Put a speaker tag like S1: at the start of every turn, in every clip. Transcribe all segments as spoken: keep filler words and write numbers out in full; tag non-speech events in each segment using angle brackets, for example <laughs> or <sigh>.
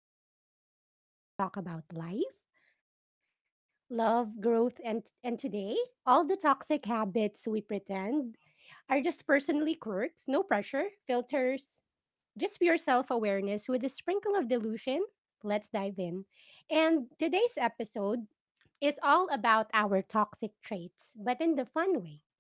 S1: the chill space where we talk about life, love, growth, and and today, all the toxic habits we pretend are just personally quirks, no pressure, filters, just pure self-awareness with a sprinkle of delusion. Let's dive in. And today's episode is all about our toxic traits, but in the fun way,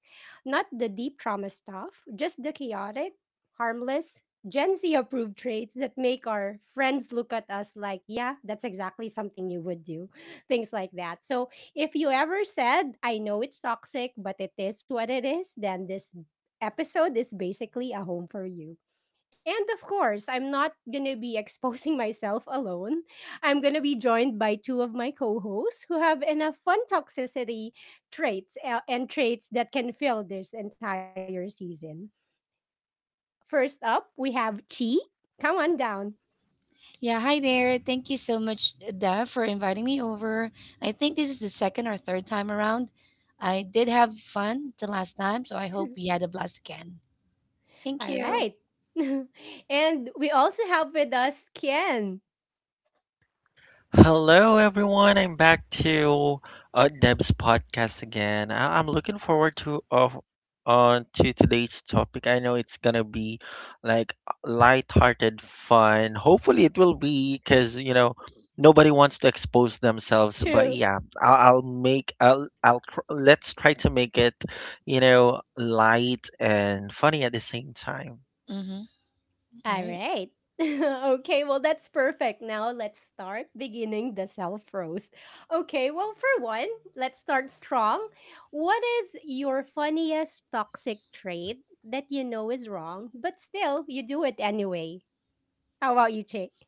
S1: not the deep trauma stuff, just the chaotic, harmless, Gen Z approved traits that make our friends look at us like, yeah, that's exactly something you would do. <laughs> Things like that. So if you ever said, I know it's toxic, but it is what it is, then this episode is basically a home for you. And of course, I'm not going to be <laughs> exposing myself alone. I'm going to be joined by two of my co hosts who have enough fun toxicity traits uh, and traits that can fill this entire season. First up, we have Chi. Come on down.
S2: Yeah, hi there. Thank you so much, Dev, for inviting me over. I think this is the second or third time around. I did have fun the last time, so I hope we had a blast again.
S1: <laughs>
S2: Thank
S1: All
S2: you.
S1: right. <laughs> And we also have with us Kian.
S3: Hello, everyone. I'm back to uh, Deb's podcast again. I- I'm looking forward to of on to today's topic. I know it's gonna be like light-hearted fun. Hopefully, it will be because you know nobody wants to expose themselves. But
S1: True.
S3: yeah, I'll, I'll make I'll I'll tr- let's try to make it you know light and funny at the same time.
S2: Mm-hmm. All
S1: All
S2: right.
S1: right. <laughs> Okay, well, that's perfect. Now let's start beginning the self roast. Okay, well, for one, let's start strong. What is your funniest toxic trait that you know is wrong, but still you do it anyway? How about you, Chick? <laughs>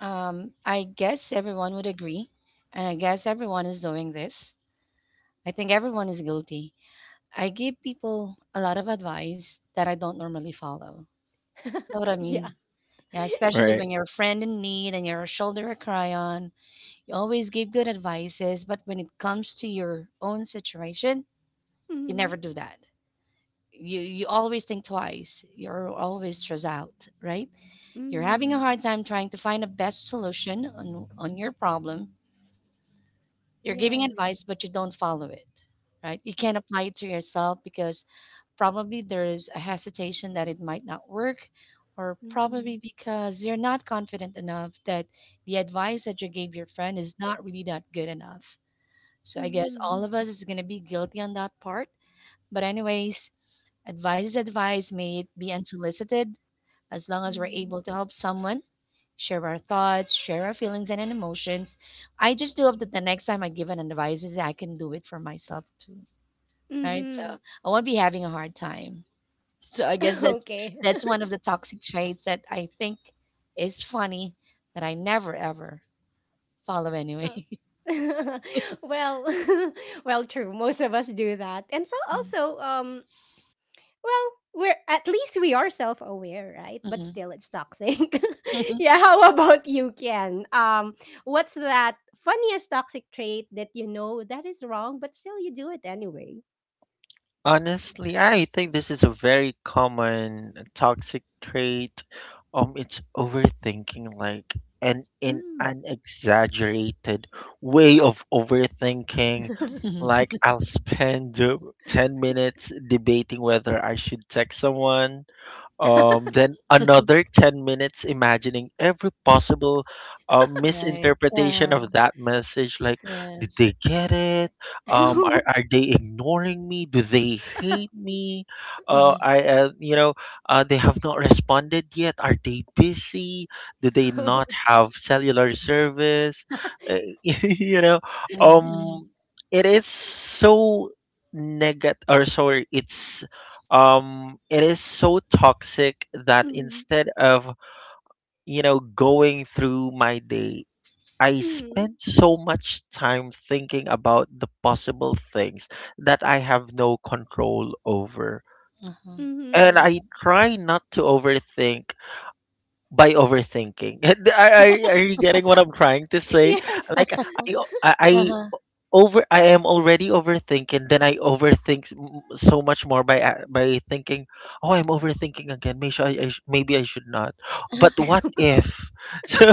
S2: Um, I guess everyone would agree, and I guess everyone is doing this. I think everyone is guilty. I give people a lot of advice that I don't normally follow. Know what I
S1: Yeah.
S2: mean? Yeah, especially when you're a friend in need and you're a shoulder to cry on. You always give good advices, but when it comes to your own situation, you
S1: Mm-hmm.
S2: never do that. You you always think twice. You're always stressed out, right? You're having a
S1: Mm-hmm.
S2: hard time trying to find a best solution on on your problem. You're giving
S1: Yes.
S2: advice, but you don't follow it, right? You can't apply it to yourself because probably there is a hesitation that it might not work, or
S1: Mm-hmm.
S2: probably because you're not confident enough that the advice that you gave your friend is not really that good enough. So I guess
S1: Mm-hmm.
S2: all of us is going to be guilty on that part. But anyways, advice is advice, may it be unsolicited, as long as we're
S1: Mm-hmm.
S2: able to help someone, share our thoughts, share our feelings and emotions. I just do hope that the next time I give an advice is I can do it for myself too. Right? So
S1: Mm-hmm. <laughs>
S2: I won't be having a hard time. <laughs> So I guess that's
S1: Okay.
S2: that's one of the toxic traits that I think is funny that I never ever follow anyway.
S1: <laughs> <laughs> Well, <laughs> well, true. Most of us do that, and so also,
S2: <laughs>
S1: um, well, we're at least we are self-aware, right? But
S2: Mm,
S1: still, it's toxic. <laughs> Yeah. How about you, Ken? Um, what's that funniest toxic trait that you know that is wrong, but still you do it anyway?
S3: Honestly, I think this is a very common toxic trait. Um, it's overthinking, like an in
S1: Mm.
S3: an exaggerated way of overthinking.
S1: <laughs>
S2: mhm.
S3: Like I'll spend uh, ten minutes debating whether I should text someone, um, then another ten minutes imagining every possible uh,
S2: <laughs> Right.
S3: misinterpretation
S2: Uh,
S3: of that message, like did
S2: Yes.
S3: they get it,
S1: <laughs>
S3: um, are,
S1: mm.
S3: are they ignoring me, do they hate me, uh,
S2: Mhm,
S3: I uh, you know uh, they have not responded yet, are they busy, do they not have cellular service? Uh, <laughs> you know
S2: mhm, mhm.
S3: um it is so negative, or sorry, it's um it is so toxic that
S1: Mm.
S3: instead of you know going through my day, I
S1: Mm.
S3: spend so much time thinking about the possible things that I have no control over,
S2: Uh-huh.
S3: and
S1: Mhm.
S3: I
S2: Right.
S3: try not to overthink by overthinking. <laughs> are, are, are you getting what I'm trying to say?
S1: Yes.
S3: Like i i
S2: Uh-huh.
S3: over I am already overthinking, then I overthink s- m- so much more by a- by thinking, oh, I'm overthinking again, maybe I, I sh- maybe I should not, but
S2: <laughs>
S3: what if? <laughs> so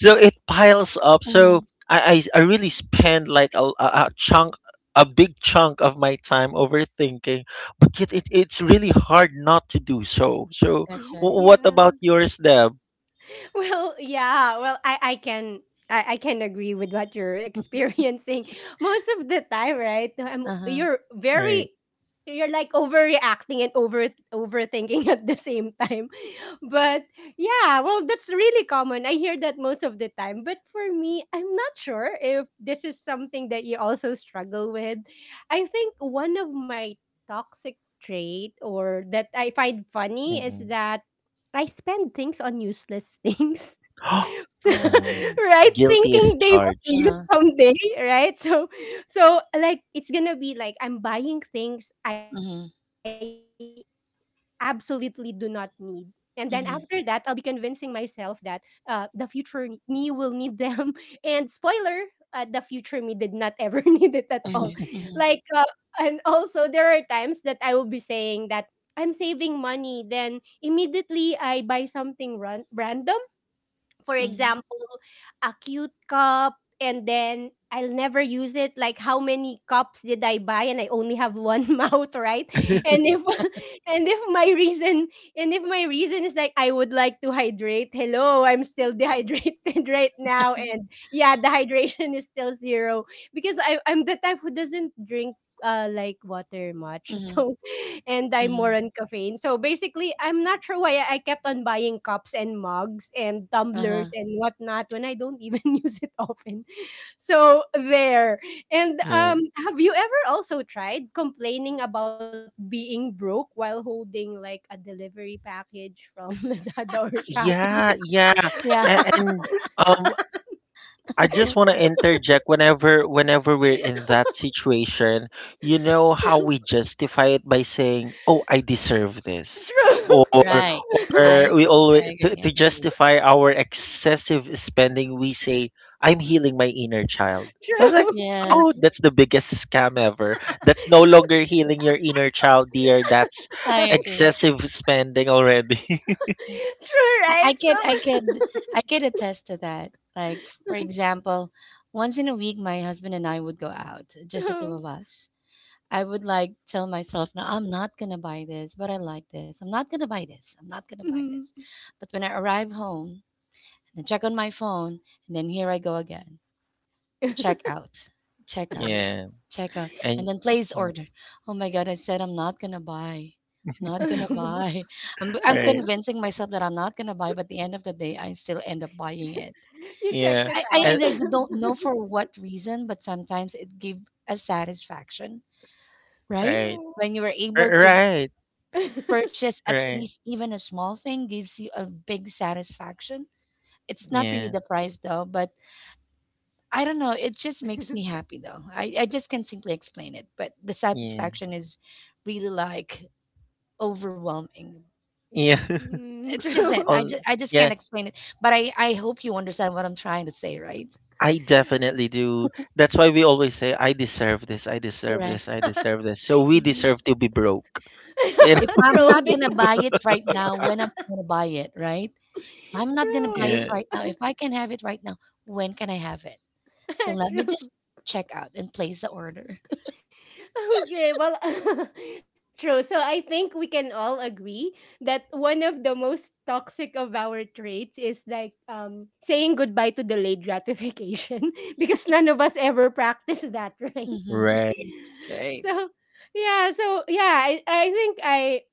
S3: so it piles up, so
S2: Mhm.
S3: I I I really spend like a, a a chunk a big chunk of my time overthinking, but yet it, it's really hard not to do so. So
S2: That's
S1: <laughs>
S2: right.
S3: w- what about
S1: Yeah.
S3: yours, Deb?
S1: <laughs> Well, yeah. Well, I I can I, I can agree with what you're <laughs> experiencing most of the time, right? I'm,
S2: Uh-huh.
S1: you're
S3: Right.
S1: very you're like overreacting and over overthinking <laughs> at the same time. <laughs> But yeah, well, that's really common. I hear that most of the time. But for me, I'm not sure if this is something that you also struggle with. I think one of my toxic trait or that I find funny is
S3: Mm-mm.
S1: that I spend things on useless things.
S3: <gasps>
S1: <laughs>
S3: Oh,
S2: Oh.
S1: Right?
S3: guilty as
S1: Thinking they will be
S3: charged.
S1: used
S2: Uh-huh.
S1: someday, right? So so like it's gonna be like I'm buying things I
S2: Mhm,
S1: absolutely do not need. And then after that, I'll be convincing myself
S2: mhm,
S1: that uh, the future ne- me will need them. <laughs> And spoiler, uh, the future me did not ever <laughs> need it at all.
S2: mhm,
S1: Like,
S2: mhm,
S1: uh, and also there are times that I will be saying that I'm saving money, then immediately I buy something ran- random. For
S2: mhm,
S1: example, a cute cup, and then I'll never use it. Like how many cups did I buy, and I only have one <laughs> mouth, right?
S2: mhm,
S3: <laughs>
S1: And if <laughs> and if my reason and if my reason is like I would like to hydrate, hello, I'm still dehydrated <laughs> right now, and yeah, the hydration is still zero because I I'm the type who doesn't drink uh like water much, <laughs>
S2: mhm,
S1: so and I'm more
S2: mhm.
S1: on caffeine. So basically, I'm not sure why I I kept on buying cups and mugs and
S2: Uh-huh.
S1: tumblers and whatnot when I don't even <laughs> use it often. So there. And
S3: Yeah.
S1: um, have you ever also tried complaining about being broke while holding like a delivery package from <laughs> Lazada or Shopee?
S3: Yeah, yeah.
S2: Yeah.
S3: A-
S2: <laughs>
S3: And um I just want to interject, whenever whenever we're in that situation, you know how we justify it by saying, "Oh, I deserve
S1: <laughs>
S3: this."
S1: True,
S3: Or
S2: Right. I
S3: or we
S2: agree.
S3: always
S2: I
S3: to,
S2: agree. I
S3: to
S2: agree.
S3: justify our excessive spending, we say, "I'm healing my inner child."
S1: <laughs>
S3: I was like,
S1: true,
S3: "Oh,
S2: Yes.
S3: that's the biggest scam ever. That's no longer healing your inner child, dear. That's
S1: <laughs>
S2: I
S1: true,
S2: agree.
S3: excessive spending already." <laughs>
S2: Mm. I,
S1: right?
S2: I
S1: So.
S2: could I
S1: <laughs>
S2: could I could attest to that. Like for example, once in a week my husband and I would go out, just the two of us. I would like tell myself now I'm not gonna buy this, but I like this. I'm not gonna buy this. I'm not gonna buy this.
S1: Mhm.
S2: But when I arrive home and check on my phone, and then here I go again.
S1: <laughs>
S2: Check out, check out,
S3: Yeah.
S2: check out, and
S3: And
S2: then place
S3: mm,
S2: order. Oh my god, I said I'm not gonna buy. Not gonna buy. <laughs> I'm I'm
S3: right,
S2: convincing myself that I'm not gonna buy, but at the end of the day I still end up buying it.
S1: You checked
S3: yeah,
S1: it
S2: I, I
S1: out.
S3: and
S2: and I don't know
S1: <laughs>
S2: for what reason, but sometimes it give a satisfaction, right?
S3: right,
S1: True.
S2: When you are
S3: r-
S2: able to
S3: right,
S1: <laughs>
S2: purchase at
S3: right,
S2: least even a small thing gives you a big satisfaction. It's not really
S3: yeah,
S2: the price though, but I don't know. It just makes me happy though. I, I just can't simply explain it, but the
S3: yeah,
S2: satisfaction is really like overwhelming.
S3: yeah. <laughs>
S1: Mm,
S2: It's just it.
S1: true.
S2: I
S3: Oh,
S2: just I just can't
S3: yeah.
S2: explain it. But I I hope you understand what I'm trying to say, right?
S3: I definitely do. That's why we always say, "I deserve this. I deserve this.
S2: Correct.
S3: I deserve this." So we
S2: Mhm.
S3: deserve to be broke. <laughs> You
S2: If
S3: know?
S1: <laughs>
S2: I'm
S1: True.
S2: not gonna
S1: be-
S2: buy it right now, when I'm gonna buy it, right? If I'm not gonna buy
S1: True.
S2: it
S3: Yeah.
S2: right now, if
S1: <laughs>
S2: I can have it right now, when can I have it? So let me just
S1: True.
S2: check out and place the order.
S1: Okay, well, <laughs> true. So I think we can all agree that one of the most toxic of our traits is like um saying goodbye to delayed gratification <laughs> because none of us ever practice that, right? <laughs>
S2: Mhm,
S3: Right.
S2: mhm. Right.
S1: So yeah, so yeah, I, I think I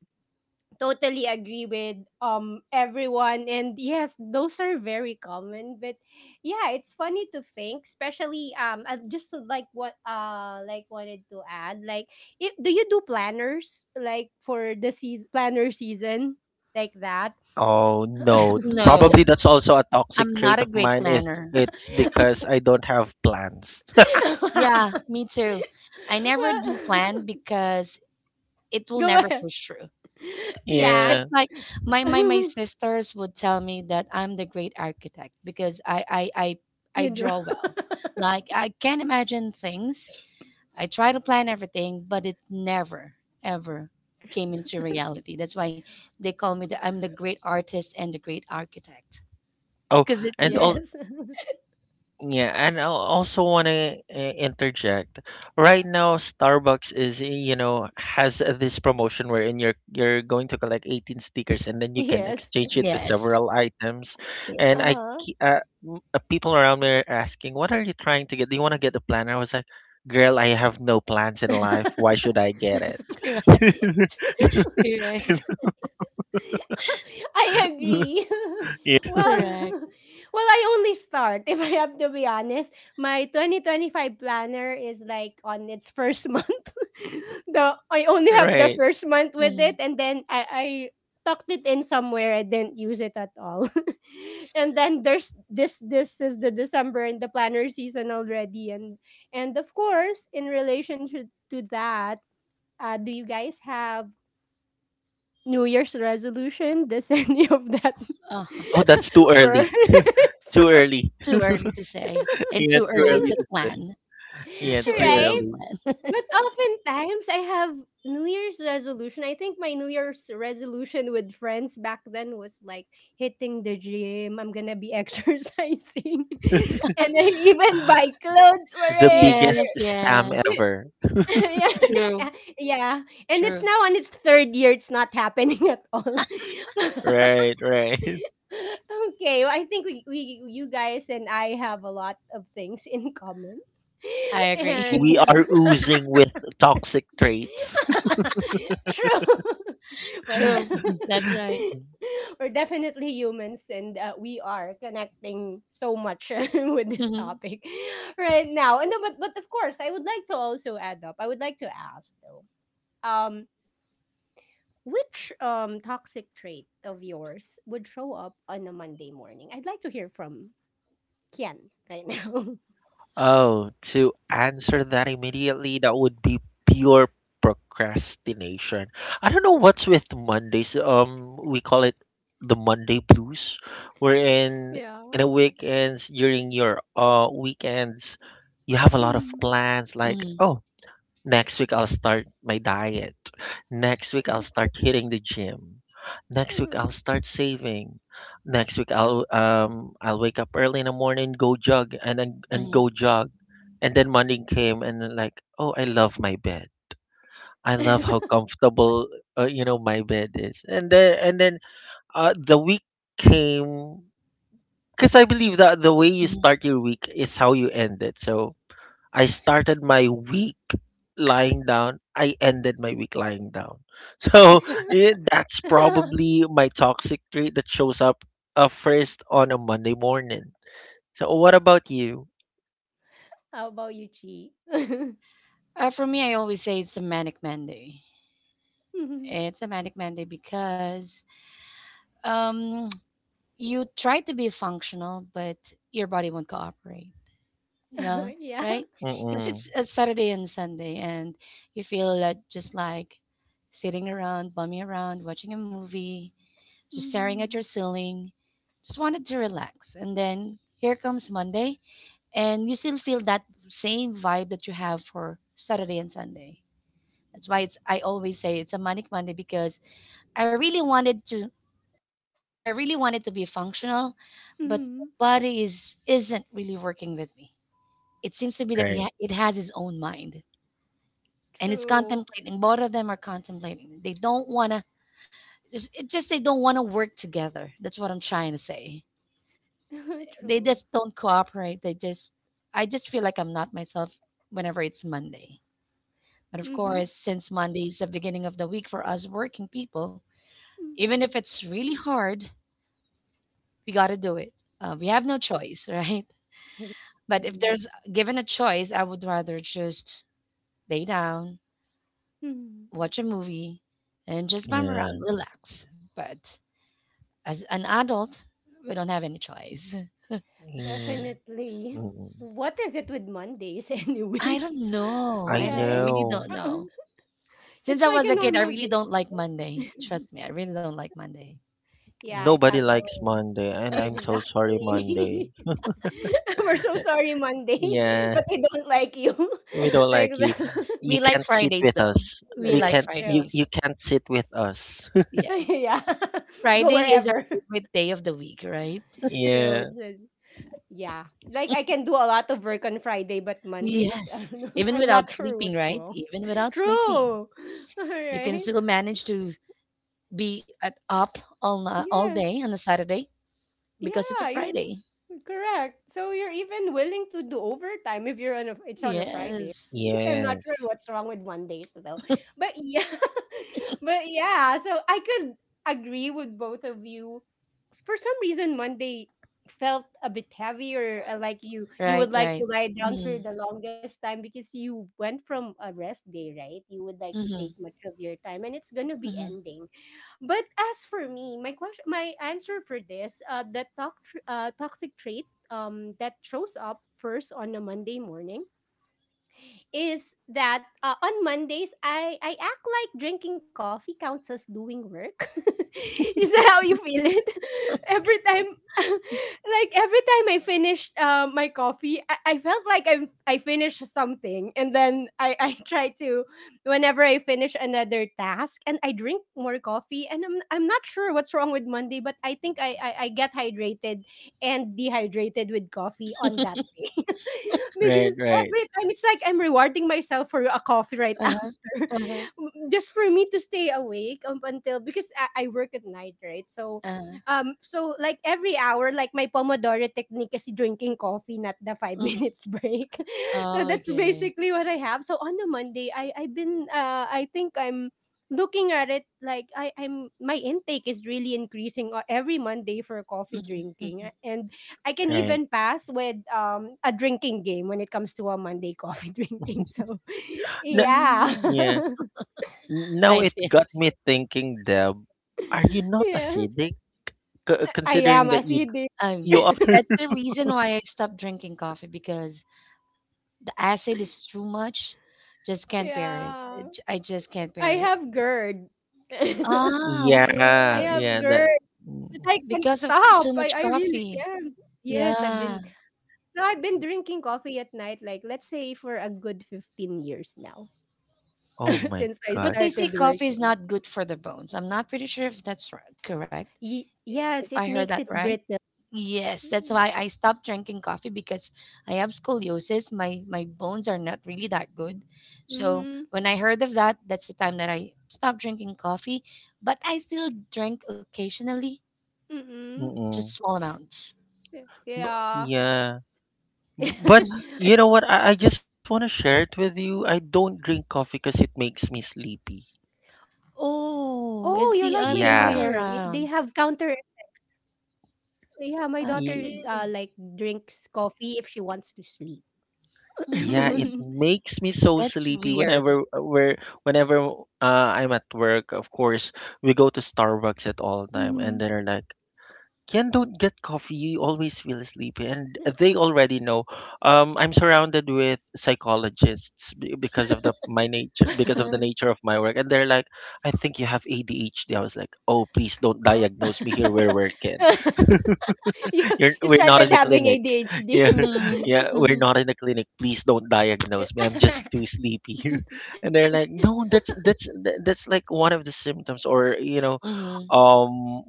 S1: totally agree with um everyone and yes those are very common but yeah it's funny to think especially um I just like what uh like wanted to add like if, do you do planners like for the season planner season like that
S3: Oh
S1: <laughs>
S3: no.
S2: No,
S3: Probably that's also a toxic
S2: I'm not
S3: trait
S2: a
S3: of
S2: great
S3: mine. If
S2: planner.
S3: it's because I don't have plans.
S2: Yeah, me too. I never do
S1: well <laughs>
S2: plan because it will
S1: go
S2: never
S1: ahead
S2: push through.
S3: <laughs>
S2: It's
S1: yeah
S2: just
S3: Yeah.
S2: like
S1: <laughs>
S2: my my my sisters would tell me that I'm the great architect because I I I, I
S1: you draw
S2: draw well. Like I can imagine things. I try to plan everything, but it never, ever came into reality. That's why they call me the I'm the great artist and the great architect.
S3: Oh,
S1: <laughs>
S2: Because it,
S3: and
S1: yes
S3: all Yeah, and I also want to interject. Right now, Starbucks is, you know, has this promotion wherein you're you're going to collect eighteen stickers and then you can
S1: yes
S3: exchange it to
S2: yes,
S3: several items. And I,
S2: yes,
S1: uh-huh
S3: ke- uh, m- uh, people around me are asking, "What are you trying to get? Do you want to get the planner?" I was like, "Girl, I have no plans in life.
S1: <laughs>
S3: Why should I get it?"
S2: correct,
S3: <laughs>
S2: <laughs> correct,
S1: I agree.
S3: Yeah,
S1: <laughs> Well, <laughs>
S2: correct.
S1: well, I only start. <laughs> If I have to be honest, my twenty twenty-five planner is like on its first month. <laughs> The I only have the
S3: right.
S1: first month with it,
S2: Mhm,
S1: and then I I tucked it in somewhere. I didn't use it at all. <laughs> And then there's this. This is the December and the planner season already, and and of course, in relation to to that, uh, do you guys have New Year's resolution? Does <laughs> any of that
S2: uh-huh.
S3: Oh, that's too
S1: <laughs>
S3: early.
S1: work?
S3: Too early.
S2: Too early to say
S3: <laughs>
S2: and
S3: Yeah,
S2: too
S3: too
S2: early
S3: early
S2: to
S3: to
S1: <laughs>
S3: say.
S2: plan. It's
S3: Yeah,
S2: too
S3: too
S2: early to
S1: Right?
S3: early.
S2: plan. <laughs>
S1: But oftentimes I have New Year's resolution. I think my New Year's resolution with friends back then was like hitting the gym. I'm gonna be <laughs> exercising, <laughs> and I even buy clothes for
S3: The
S1: it.
S3: biggest
S2: Yes,
S3: scam
S1: Or-
S2: yes,
S3: ever.
S1: <laughs> yeah,
S2: true,
S1: <laughs> yeah. And it's now
S2: true.
S1: on its third year. It's not happening at all. <laughs>
S3: Right, right. <laughs>
S1: <laughs> Okay, well, I think we, we you guys and I have a lot of things in common. <laughs>
S2: I agree.
S1: And
S3: We are
S1: <laughs>
S3: oozing with toxic traits. <laughs>
S1: true. <laughs>
S2: <laughs>
S1: Well,
S2: True. That's
S1: <laughs>
S2: right.
S1: we're definitely humans and uh, we are connecting so much <laughs> with this
S2: Hmm,
S1: topic right now. And then- but but of course, I would like to also add up. I would like to ask though. Um which um toxic trait of yours would show up on a Monday morning? I'd like to hear from Kian right now. <laughs>
S3: Oh, to answer that immediately, that would be pure procrastination. I don't know what's with Mondays. Um, we call it the Monday blues, wherein
S1: Yeah.
S3: in the weekends during your uh weekends, you have a lot
S1: Mm.
S3: of plans. Like,
S2: hmm,
S3: oh, next week, I'll start my diet. Next week, I'll start hitting the gym. Next
S1: Mhm.
S3: week, I'll start saving. Next week, I'll um I'll wake up early in the morning, go jog, and then, and go
S2: hmm,
S3: jog. And then Monday came, and then like, oh, I love my bed. I love how comfortable uh, you know my bed is. And then and then uh, the week came, because I believe that the way you
S2: hmm.
S3: start your week is how you end it. So I started my week lying down. I ended my week lying down. <laughs> So
S1: <laughs>
S3: eh, that's probably my toxic trait that shows up uh, first on a Monday morning. So what about you?
S1: How about you, Chi? <laughs>
S2: Uh, for me, I always say it's a manic Monday.
S1: Mhm.
S2: It's a manic Monday because um, <tsk> you try to be functional, but your body won't cooperate, you know,
S1: <laughs> Yeah.
S2: right? Because
S3: Mm-mm.
S2: it's a Saturday and Sunday, and you feel like just like sitting around, bumming around, watching a movie, just staring at your
S1: Mm.
S2: ceiling, just wanted to relax. And then here comes Monday, and you still feel that same vibe that you have for Saturday and Sunday. That's why it's I always say it's a manic Monday because I really wanted to I really want it to be functional, but
S1: Hmm.
S2: my body is isn't really working with me. It seems to be that he
S3: Right.
S2: ha- it has its own mind and it's
S1: True.
S2: contemplating. Both of them are contemplating. They don't want to. It just they don't want to work together. That's what I'm trying to say.
S1: <laughs>
S2: They
S1: True.
S2: just don't cooperate. They just. I just feel like I'm not myself whenever it's Monday. But of
S1: Mm-hmm.
S2: course, since Monday is the beginning of the week for us working people, even if
S1: Mm-hmm.
S2: it's really hard, we got to do it. Uh, we have no choice, <laughs> right?
S1: Exactly.
S2: But if there's given a choice, I would rather just lay down,
S1: Mhm.
S2: watch a movie, and just bum around,
S3: Yeah.
S2: relax. But as an adult, we don't have any choice.
S3: Yeah.
S1: Definitely.
S3: Mm-mm.
S1: What is it with Mondays <laughs> anyway?
S2: I
S1: <laughs>
S2: don't know.
S3: I
S2: I don't. I
S1: Right?
S2: really
S3: know.
S2: don't know.
S1: <clears throat>
S2: Since
S1: It's
S2: I
S1: like
S2: was
S1: a
S2: a kid, I
S1: normal
S2: really don't
S1: day.
S2: like Monday.
S1: <laughs>
S2: Trust me, I really don't like Monday.
S1: Yeah, it
S3: Nobody
S1: has
S3: likes
S1: all.
S3: Monday, and I'm so sorry, Monday.
S1: Exactly. <laughs> We're so
S3: Eh,
S1: sorry, Monday, <laughs>
S3: Yeah,
S1: but we don't like you.
S3: we don't
S1: <laughs> Like
S3: like you.
S1: the
S3: You
S2: We like
S3: can't sit
S2: Fridays
S3: with us.
S2: though. We
S3: We
S2: like
S3: can't.
S1: <laughs>
S3: You
S1: true.
S3: you
S2: Fridays.
S3: can't sit with us.
S1: <laughs>
S2: Yes.
S1: Yeah. <laughs> Go
S2: Friday is our
S1: wherever. <laughs>
S2: favorite day of the week, right?
S3: <laughs>
S1: True.
S3: Yeah.
S1: It's a, yeah. Like I can do a lot of work on Friday, but Mondays, <laughs> I
S2: Yes.
S1: don't know.
S2: Even
S1: I'm not
S2: without
S1: sure
S2: sleeping,
S1: what's
S2: right?
S1: wrong.
S2: Even
S1: <laughs>
S2: without
S1: True.
S2: sleeping
S1: <laughs> All
S2: you can
S1: right.
S2: still manage to be at up all na- all
S1: Yes.
S2: day on a Saturday because it's
S1: Yeah,
S2: a
S1: you're
S2: Friday.
S1: correct. So you're even willing to do overtime if you're on a it's on a Friday.
S2: Yes.
S1: <laughs> I'm not
S3: Yes.
S1: sure what's wrong with Mondays though. But yeah. <laughs> But yeah, so I could agree with both of you. For some reason Monday felt a bit heavier uh, like you you would
S2: Right,
S1: like to
S2: right.
S1: lie down for
S2: Mm,
S1: the longest time because you went from a rest day right you would like to take
S2: mm-hmm,
S1: much of your time and it's gonna be
S2: mm-hmm.
S1: ending but as for me, my question, my answer for this, uh, the toc- uh, toxic trait um, that shows up first on a Monday morning is that uh, on Mondays I I act like drinking coffee counts as doing work. <laughs> Is that how you feel it? <laughs> Every time, <laughs> like every time I finished uh, my coffee, I, I felt like I'm I finished something, and then I I <laughs> try to whenever I finish another task and I drink more coffee, and I'm I'm not sure what's wrong with Monday, but I think I I, I get hydrated and dehydrated with coffee on that coffee <laughs>
S3: Right,
S1: because
S3: right,
S1: every time it's like I'm rewarding myself for a coffee right <laughs> after
S2: Uh-huh, uh-huh,
S1: just for me to stay awake up until because I, I work at night, right? So
S2: uh-huh.
S1: um so like every hour like my pomodoro technique is drinking coffee not the five <laughs>
S2: Mm.
S1: minutes break. So that's
S2: Okay.
S1: basically what I have. So on a Monday I I've been uh I think I'm looking at it like I I'm my intake is really increasing uh, every Monday for coffee
S2: Mm-hmm, mm-hmm.
S1: drinking A- and I can
S3: right.
S1: even pass with um a drinking game when it comes to a Monday coffee <laughs> drinking. So <laughs>
S3: No,
S1: yeah.
S2: Mm.
S3: yeah. N- Now
S2: I
S3: it
S2: see.
S3: got me thinking, Deb,
S1: <laughs>
S3: are you not
S1: Yes.
S3: acidic? C-
S1: I
S3: considering
S1: am
S3: that
S1: as
S3: you
S1: you did.
S2: Um,
S3: you are,
S2: that's
S1: <laughs>
S2: the reason why I stopped drinking coffee because the acid is too much. Just can't bear it. I j-
S1: Yeah.
S2: I
S1: I
S2: just can't
S1: have
S2: bear it.
S1: G E R D. <laughs>
S2: Ah,
S1: I have
S3: yeah,
S2: okay.
S3: yeah,
S1: G E R D,
S3: that.
S1: but I
S3: Mm,
S1: can't
S2: Because of c-
S1: stop.
S2: too
S1: I,
S2: much
S1: I really
S2: coffee.
S1: can't.
S3: mm.
S1: Yes, I've
S2: Yeah.
S1: been so I've been drinking coffee at night, like let's say for a good fifteen years now
S3: Oh my
S1: <laughs>
S3: God.
S2: But
S1: since
S2: they
S1: I
S2: say coffee
S1: started
S2: is not good
S1: working.
S2: for the bones. I'm not pretty sure if that's r- correct. If
S1: Ye-
S2: I heard that
S1: yes, it
S2: right.
S1: makes it brittle.
S2: Yes, that's why I stopped
S1: Mm.
S2: drinking coffee because I have scoliosis. My my bones are not really that good. So when I heard of
S1: Mhm.
S2: that, that's the time that I stopped drinking coffee. But I still drink occasionally, just
S3: Mm-mm.
S2: small
S1: Mm.
S2: amounts.
S3: B-
S1: Y
S3: yeah.
S1: yeah.
S3: B- But
S2: Mhm.
S3: you know what? I, I just want to
S1: <laughs>
S3: share it with you. I don't drink coffee because it makes me sleepy.
S2: Oh,
S1: Oh,
S2: it's
S1: you're
S2: the
S1: like my
S2: other way
S3: Yeah.
S1: daughter. Y-
S2: around.
S1: They have counter Yeah, my daughter,
S2: Okay.
S1: uh, like drinks coffee if she wants to sleep.
S3: Yeah, it
S2: Mm,
S1: <laughs>
S3: makes me so
S2: that's
S3: sleepy
S2: weird.
S3: whenever uh, we're whenever uh, I'm at work. Of course, we go to Starbucks at all time, and
S1: Mhm.
S3: they're like, "Ken, don't get coffee. You always feel sleepy." And they already know. Um, I'm surrounded with psychologists be- because of the my nature, because of the nature of my work, and they're like, "I think you have A D H D." I was like, "Oh, please don't
S1: Oh.
S3: diagnose me here. We're working."
S1: <laughs>
S3: <laughs>
S1: You
S3: You're,
S1: you
S3: we're not in
S1: started
S3: the
S1: having
S3: clinic. <laughs>
S1: A D H D.
S3: Yeah,
S2: Mm-hmm,
S3: yeah, we're not in the clinic. Please don't diagnose me. I'm just
S1: <laughs>
S3: too sleepy. <laughs> And they're like, no, that's that's tha- that's like one of the symptoms, or you know,
S2: mm-hmm.
S3: um,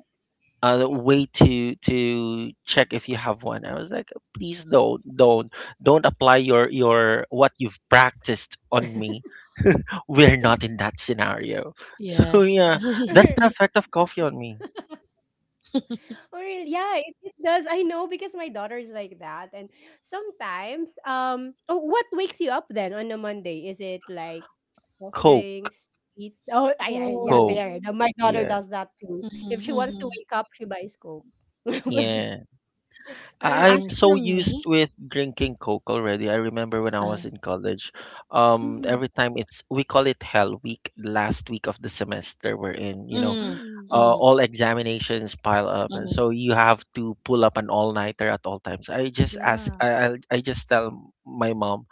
S3: a way to to check if you have one. I was like, please don't, don't, don't apply your your what you've practiced on me. <laughs> We're not in that scenario. So <laughs>
S2: Yes.
S3: yeah,
S1: <laughs>
S3: that's the effect of coffee on me.
S1: For real, yeah, it, it does. I know because my daughter is like that, and sometimes, um, oh, what wakes you up then on a Monday? Is it like soft
S3: Coke,
S1: drinks, sweets? Oh, I, I yeah,
S2: Oh.
S3: Coke.
S1: there. No, my daughter
S3: Yeah,
S1: does that too.
S2: Mhm,
S1: If she
S2: mhm.
S1: wants to wake up, she buys Coke. <laughs>
S3: yeah.
S2: F
S3: I-
S1: Ayan.
S2: as
S3: I'm
S2: for
S3: so
S2: me
S3: used with drinking Coke already. I remember when I
S2: uh,
S3: was in college, um,
S1: Mhm,
S3: every time it's we call it Hell Week, last week of the semester we're in. You know,
S2: mm,
S1: mhm.
S3: uh,
S2: mhm,
S3: all examinations pile up, and
S2: mhm,
S3: so you have to pull up an all nighter at all times. I just ask,
S1: Yeah.
S3: I I'll- I just tell my mom,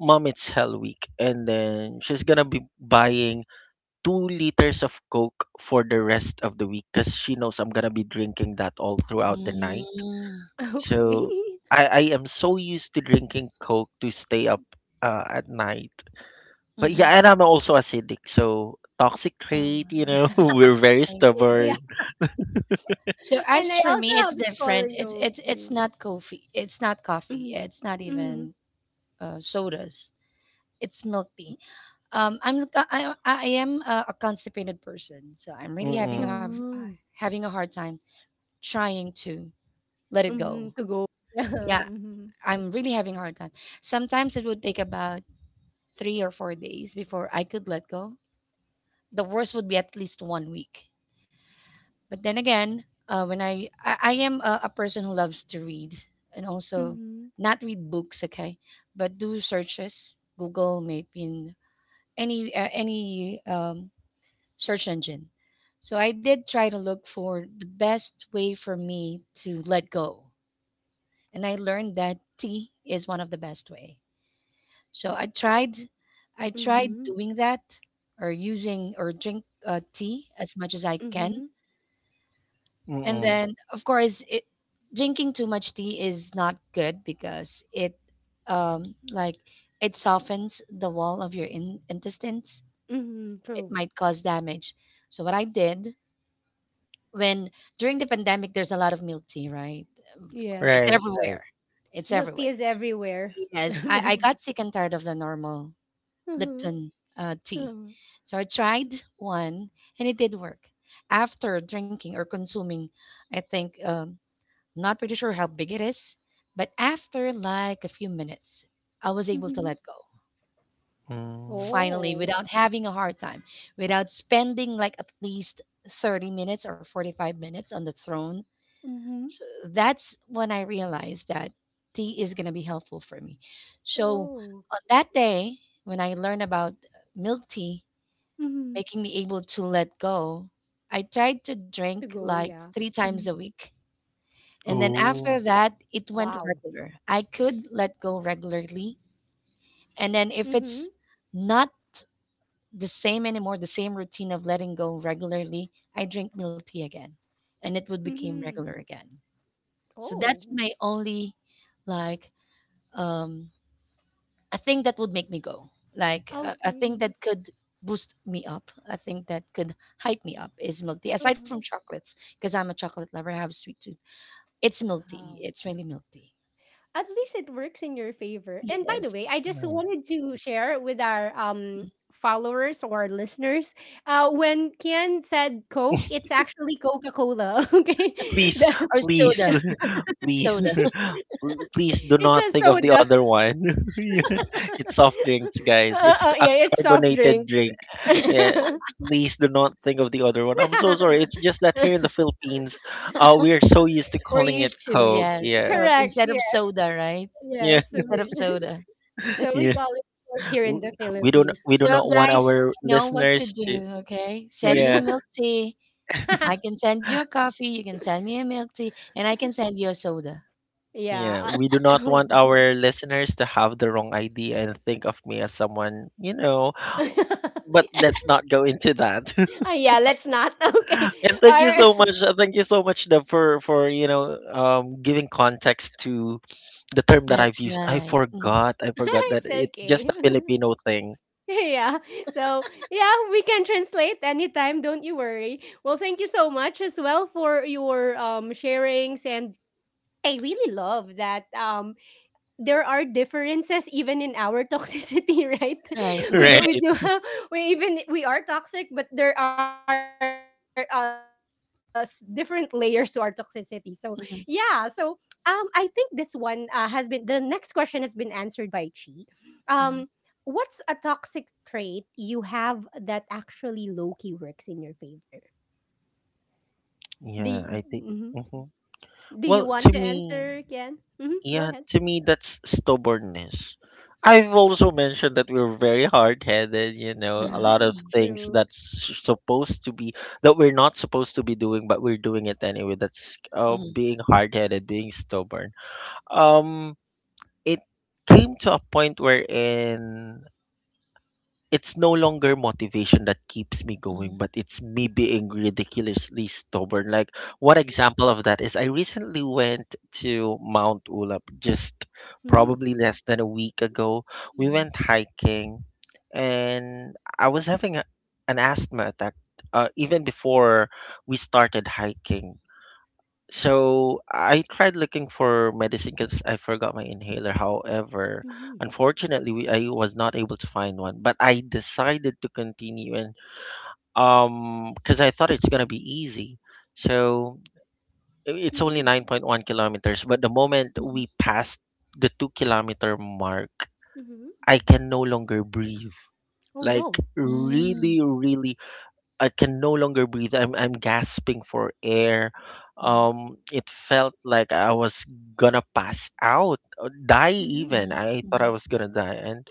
S3: Mom, it's Hell Week, and then she's gonna be buying two liters of Coke for the rest of the week, because she knows I'm gonna be drinking that all throughout the night,
S2: mm,
S1: <laughs>
S3: so
S1: Okay.
S3: I, I am so used to drinking Coke to stay up uh, at night. But
S2: mhm.
S3: yeah, and I'm also acidic, so toxic
S2: Oh,
S3: trait, you know, <laughs>
S2: okay,
S3: we're very
S1: <laughs>
S2: I
S1: Yeah,
S2: see.
S3: stubborn.
S2: So
S1: and I
S2: as for
S1: also
S2: me,
S1: have
S2: it's different. It's it's
S1: scoliosis.
S2: it's not coffee. It's not coffee.
S1: Mm-hmm.
S2: It's not
S1: Mm-hmm.
S2: even uh, sodas. It's milk tea. Um, I'm I I am a, a constipated person, so I'm really having a,
S3: Mm-mm,
S2: have- uh,
S1: Oh.
S2: having a hard time trying to let it
S1: Mm-hmm.
S2: go.
S1: To go. <laughs> Yeah.
S2: Yeah,
S1: Mm-hmm.
S2: I'm really having a hard time. Sometimes it would take about three or four days before I could let go. The worst would be at least one week. But then again, uh, when I, I I am a, a, person who loves to read and also
S1: Mm-hmm.
S2: not read books, okay, but do searches, Google, maybe any uh, any um, search engine. So I did try to look for the best way for me to let go, and I learned that tea is one of the best way. So I tried, I tried
S1: Mm-hmm.
S2: doing that or using or drink uh, tea as much as I can.
S1: Mm-hmm.
S2: And
S3: mm-mm.
S2: then, of course, it, drinking too much tea is not good because it, um, like, it softens the wall of your in- intestines.
S1: Mm-hmm.
S2: It
S1: True.
S2: might cause damage. So what I did when during the pandemic, there's a lot of milk tea, right? Um, It's
S1: Yes.
S3: Right, right.
S2: everywhere. It's
S1: Milk
S2: everywhere.
S1: tea is everywhere. <laughs>
S2: Yes, I, I
S1: Mm-hmm.
S2: got sick and tired of the normal
S1: Mm-hmm.
S2: Lipton uh, tea. So I tried one and it did work. After drinking or consuming, I think, um, not pretty sure how big it is, but after like a few minutes, I was able to
S1: Mm-hmm.
S2: let go
S3: Mm.
S2: finally
S1: Oh.
S2: without having a hard time, without spending like at least thirty minutes or forty-five minutes on the throne.
S1: Mm-hmm.
S2: That's when I realized that tea is going to be helpful for me. So
S1: Oh.
S2: on that day, when I learned about milk tea
S1: Mm-hmm.
S2: making me able to let go.
S1: To
S2: I
S1: go,
S2: tried to
S1: yeah.
S2: drink
S1: Mm-hmm.
S2: like three times a week. And then after
S3: Ooh.
S2: that,
S1: Wow.
S2: it went regular. I could let go regularly. And then if
S1: Mm-hmm.
S2: it's not the same anymore, the same routine of letting go regularly, I drink milk tea again. And it would become
S1: Mm-hmm.
S2: regular again. So that's
S1: Oh.
S2: my only like um a thing that would make me go, like a, a thing
S1: Okay.
S2: that could boost me up, a thing that could hype me up is milk tea. Aside
S1: Uh-huh.
S2: from chocolates, because I'm a chocolate lover, I have a sweet tooth. It's milk tea.
S1: Wow.
S2: It's really milk tea.
S1: At least it works in your favor. And by the
S2: Yes,
S1: way, I just
S3: Right.
S1: wanted to share with our um followers or our listeners uh when Kian said Coke,
S3: <laughs>
S1: it's actually Coca-Cola, <laughs> okay?
S3: Please,
S1: The-
S2: or
S3: please,
S1: it's,
S2: soda.
S3: <laughs> please,
S2: Soda.
S1: <laughs>
S3: <laughs> please do
S1: it's
S3: not
S1: a
S3: think of the
S1: soda.
S3: other one. <laughs> Yeah. It's soft drinks, guys.
S1: Uh,
S3: It's
S1: uh,
S3: a
S1: yeah, it's soft
S3: carbonated
S1: drinks.
S3: drink.
S1: <laughs>
S3: Yeah. Please do not think of the other one. I'm so sorry. It's just that here in the Philippines, uh, we're so used to
S2: <laughs> We're
S3: calling it
S2: used to,
S3: Coke.
S2: yes,
S3: Yeah.
S2: Coke
S1: Correct.
S2: instead
S1: Yeah.
S2: of soda, right?
S1: Yeah.
S3: Yeah.
S1: So
S2: Instead of
S1: we,
S2: soda.
S1: <laughs> so we
S3: Yeah.
S1: call it Coke here in
S3: W-
S1: the
S3: We don't,
S1: Philippines.
S3: we do
S2: So
S3: not want
S2: guys,
S3: our
S2: you know what
S3: listeners
S2: to do.
S3: to,
S2: Okay, send me a
S3: yeah.
S2: milk
S1: <laughs>
S2: tea. I can send you a coffee. You can send me a milk tea, and I can send you a soda.
S3: Yeah,
S1: Yeah.
S3: we do not
S1: uh,
S3: want our listeners to have the wrong idea and think of me as someone, you know, but
S1: <laughs> <laughs>
S3: let's not go into that.
S1: Oh, yeah, let's not. <laughs> Okay.
S3: <laughs> And thank you
S1: Or
S3: so much. uh, Thank you so much, Deb, for for, you know, um giving context to the term that
S2: That's
S3: I've used. I
S2: right. Mm,
S3: forgot. I
S1: <laughs>
S3: forgot that
S1: it's
S3: it's just
S1: okay.
S3: a Filipino thing.
S1: <laughs> Yeah. So, yeah, we can translate anytime. Don't you worry. Well, thank you so much as well for your um sharings, and I really love that um there are differences even in our toxicity, <laughs> right?
S2: right.
S3: <laughs>
S1: We we
S3: Right.
S1: do have, we even we are toxic, but there are uh, s- different layers to our toxicity. So yeah, so um, I
S2: <laughs>
S1: think this one uh, has been, the next question has been answered by Chi. Um,
S2: Mhm,
S1: what's a toxic trait you have that actually low key works in your favor? Do y-
S3: Yeah, I think.
S1: mhm.
S3: Mhm.
S1: Do you
S3: Well,
S1: want
S3: to
S1: to
S3: me,
S1: answer again? hmm Go
S3: Yeah,
S1: ahead.
S3: to me, that's stubbornness. I've also mentioned that we're very hard headed, you know, a
S2: mhm,
S3: lot of
S1: <laughs>
S2: mhm,
S3: things
S1: True.
S3: that's supposed to be, that we're not supposed to be doing, but we're doing it anyway. That's uh,
S2: mhm,
S3: being hard headed, being stubborn. Um, it came to a point wherein it's no longer motivation that keeps me
S2: mhm,
S3: going, but it's me being ridiculously stubborn. Like one example of that is I recently went to Mount Ulap just
S1: hmm
S3: probably less than a week ago. We
S2: mhm,
S3: went hiking and I was having a, an asthma attack uh, even before we started hiking. So I tried looking for medicine because I forgot my inhaler. However, unfortunately, we, I was not able to find one. But I decided to continue, and um, because I thought it's gonna be easy. So i- it's only
S1: Mhm,
S3: nine point one kilometers. But the moment
S2: mhm,
S3: we passed the two kilometer mark,
S1: mhm.
S3: I can no longer breathe.
S1: Oh,
S3: Like
S1: no.
S2: mm,
S3: really, really, I can no longer breathe. I'm I'm gasping for air. Um, it felt like I was gonna pass out, uh, die
S1: Mhm.
S3: even.
S2: mhm,
S3: I thought I
S2: mhm,
S3: was gonna die. And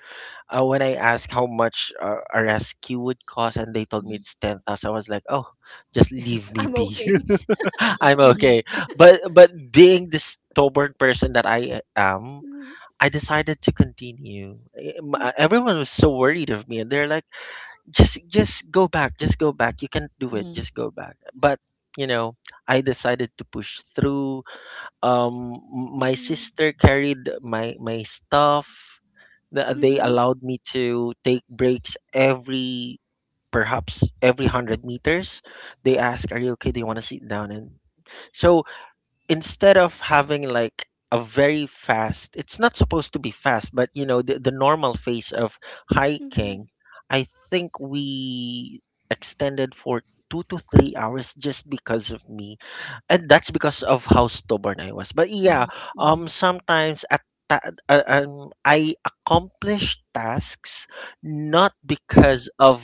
S3: uh, when I asked how much uh, a rescue would cost, and they told
S2: mhm,
S3: me
S2: mhm,
S3: it's ten thousand, I was like, oh, just leave me
S1: I'm
S3: be.
S1: okay. <laughs>
S3: <laughs>
S2: mhm,
S3: I'm
S2: mhm,
S3: okay. But but being the stubborn person that I uh, am,
S1: Mhm,
S3: I decided to continue. Eh, m- uh,
S1: mm,
S3: Everyone was so worried of me, and they're like, just just go back, just go back, you can't do it,
S2: mhm,
S3: just go back, but you know i decided to push through. Um m-
S1: mhm,
S3: my sister carried my my stuff. Th- they
S1: mhm,
S3: allowed me to take breaks, every, perhaps every 100 meters. They ask, are you okay, do you want to sit down? And so instead of having, like, a very fast — it's not supposed to be fast — but you know the, the normal phase of hiking,
S1: mhm,
S3: I think we extended for two to three hours just because of me, and that's because of how stubborn I was. But yeah,
S2: mhm,
S3: um sometimes at ta- uh, um, I accomplished tasks not because of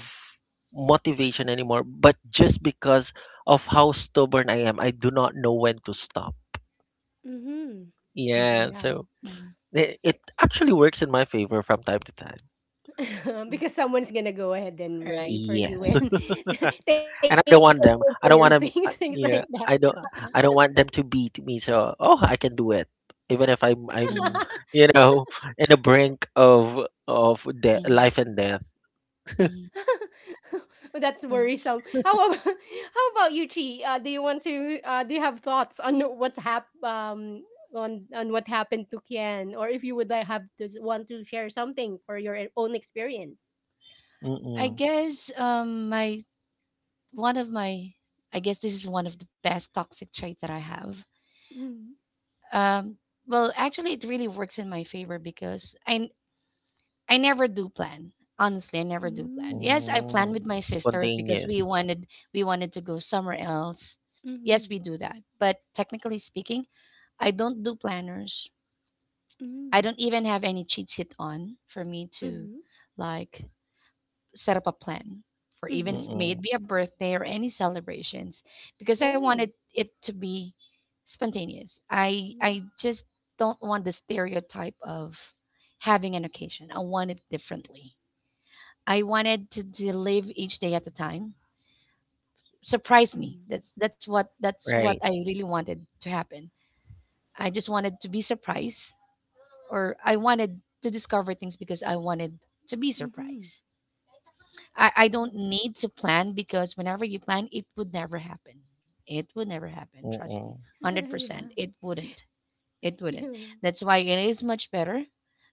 S3: motivation anymore but just because of how stubborn I am. I do not know when to stop.
S1: mhm. Oh,
S2: mhm,
S3: Yeah,
S1: yeah.
S3: so
S2: mhm,
S3: it, it actually works in my favor from time to time.
S1: <laughs>
S2: mhm.
S1: Because someone's gonna go ahead and
S2: Right,
S1: worry for
S3: Yes,
S1: you
S2: right.
S1: and <laughs> take
S3: and
S1: over
S3: I don't
S1: your <laughs>
S3: want them.
S1: things,
S3: I
S1: things
S3: don't want
S1: like
S3: them.
S1: that.
S3: uh, Yeah, I don't. I don't want them to beat me. So, oh, I can do it, even if I'm
S1: <laughs>
S3: I'm
S2: Mhm,
S3: you know <laughs> in the brink of of de-
S2: mhm,
S3: life and death.
S2: mhm,
S1: That's worrisome.
S2: right.
S1: How about <laughs> how about you, Chi? Uh, do you want to? Uh, do you have thoughts on what's hap um on on what happened to Kian, or if you would like have does want to share something for your own experience?
S2: I
S3: Mm-mm.
S2: guess um my one of my I guess this is one of the best toxic traits that I have. Um well, actually it really works in my favor because I I never do plan. Honestly, I never do plan.
S1: Mm,
S2: Yes, I plan with my
S3: Mm,
S2: sisters because
S3: spontaneous.
S2: we wanted we wanted to go somewhere else. Yes, we
S1: mhm,
S2: do that. But technically speaking, I don't do planners. I
S1: mm,
S2: don't even have any cheat sheet on for me to
S1: mhm,
S2: like set up a plan for even
S1: mhm.
S2: f- may
S3: Mm-mm.
S2: it be a birthday or any celebrations because I wanted
S1: Oh,
S2: it to be spontaneous. I
S1: yeah.
S2: I just don't want the stereotype of having an occasion. I want it differently. I wanted to, to live each day at a time. Surprise me.
S1: Mhm,
S2: That's that's what that's what I
S3: Right.
S2: really wanted to happen. I just wanted to be surprised, or I wanted to discover things because I wanted to be
S1: mhm.
S2: surprised. I, I don't
S1: Oh.
S2: need to plan because whenever you plan, it would never happen. It would never happen. Trust me,
S3: Mm-mm.
S2: hundred
S1: <laughs> Yeah,
S2: percent. It wouldn't. It wouldn't.
S1: you.
S2: That's why it is much better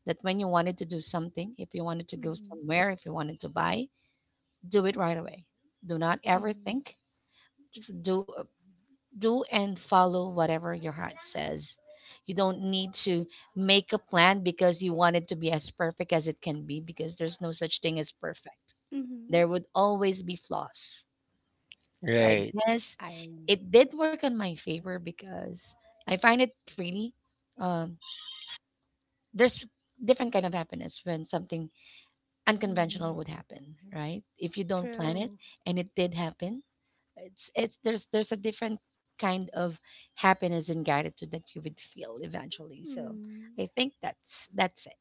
S2: that when you wanted to do something, if you wanted to go
S1: Mhm,
S2: somewhere, if you wanted to buy, do it right away. Do not ever
S1: mhm,
S2: think. Just do do and follow whatever your heart says. You don't need to make a plan because you want it to be as perfect as it can be because there's no such thing as perfect. There
S1: mhm.
S2: would always be flaws. So I
S3: Right.
S2: guess
S1: I.
S2: it did work in my favor because I find it really um, there's different kind of happiness when something unconventional
S1: Mm,
S2: would happen, right? If you don't plan it,
S1: true.
S2: and it did happen, it's it's there's there's a different kind of happiness and gratitude that you would feel eventually. So
S1: Mm.
S2: I think that's that's it.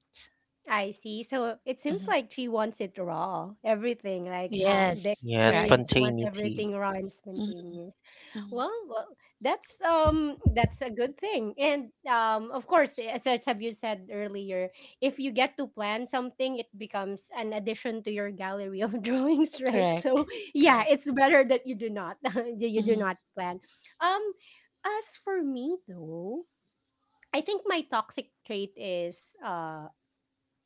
S1: I see. So it seems
S2: Hmm.
S1: like she wants it raw, everything, like how the
S2: Yes,
S3: Yeah,
S2: right.
S1: experience. You want
S3: spontaneity.
S1: everything raw and spontaneous.
S2: Mm-hmm.
S1: Well, well, that's um, that's a good thing. And um, of course, as, as have you said earlier, if you get to plan something, it becomes an addition to your gallery of <laughs> drawings, right? So
S2: Correct.
S1: yeah,
S2: Correct.
S1: it's better that you do not <laughs> you you do
S2: Mm-hmm.
S1: not plan. Um, as for me though, I think my toxic trait is um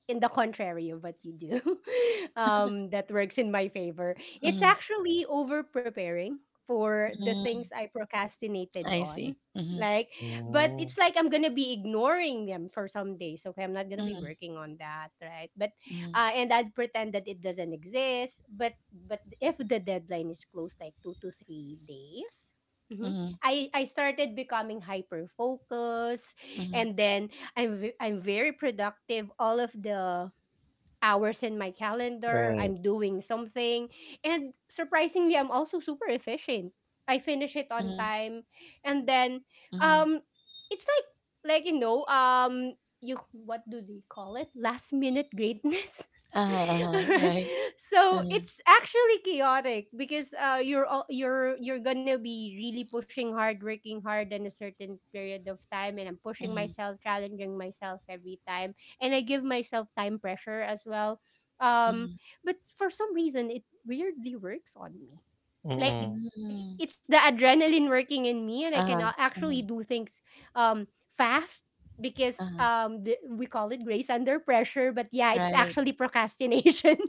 S1: in the contrary of what you do <laughs> um that works in my favor. It's
S2: Hmm.
S1: actually over preparing for the things
S2: Hmm.
S1: I procrastinated
S2: I
S1: on,
S2: see. Mm-hmm.
S1: like, but it's
S3: Mm,
S1: like I'm gonna be ignoring them for some days. Okay, I'm not gonna be
S2: Mm-hmm.
S1: working on that, right? but
S2: Mm-hmm.
S1: uh and I'd pretend that it doesn't exist, but but if the deadline is close, like two to three days mhm,
S2: Mm-hmm.
S1: I, I started becoming hyper focused,
S2: Hmm.
S1: and then I'm ve- I'm very productive. All of the hours in my calendar,
S3: right.
S1: I'm doing something. And surprisingly, I'm also super efficient. I finish it on
S2: Hmm.
S1: time. And then
S2: Hmm.
S1: um it's like like you know, um you what do they call it? Last minute greatness.
S2: Uh-huh.
S1: <laughs>
S2: Uh-huh,
S1: Alright.
S2: right.
S1: So
S2: Uh-huh.
S1: it's actually chaotic because uh, you're al- you're you're gonna be really pushing hard, working hard in a certain period of time, and I'm
S2: Mm-hmm.
S1: pushing myself, challenging myself every time, and I give myself time pressure as well.
S2: Hmm.
S1: Um, but for some reason, it weirdly works on me,
S3: Mm-mm.
S2: Hmm.
S1: like it's the adrenaline working in me, and I
S2: Uh-huh.
S1: can a-
S2: Hmm.
S1: actually do things um fast because
S2: Uh-huh.
S1: um the, we call it grace under pressure, but yeah, it's
S2: Right.
S1: actually procrastination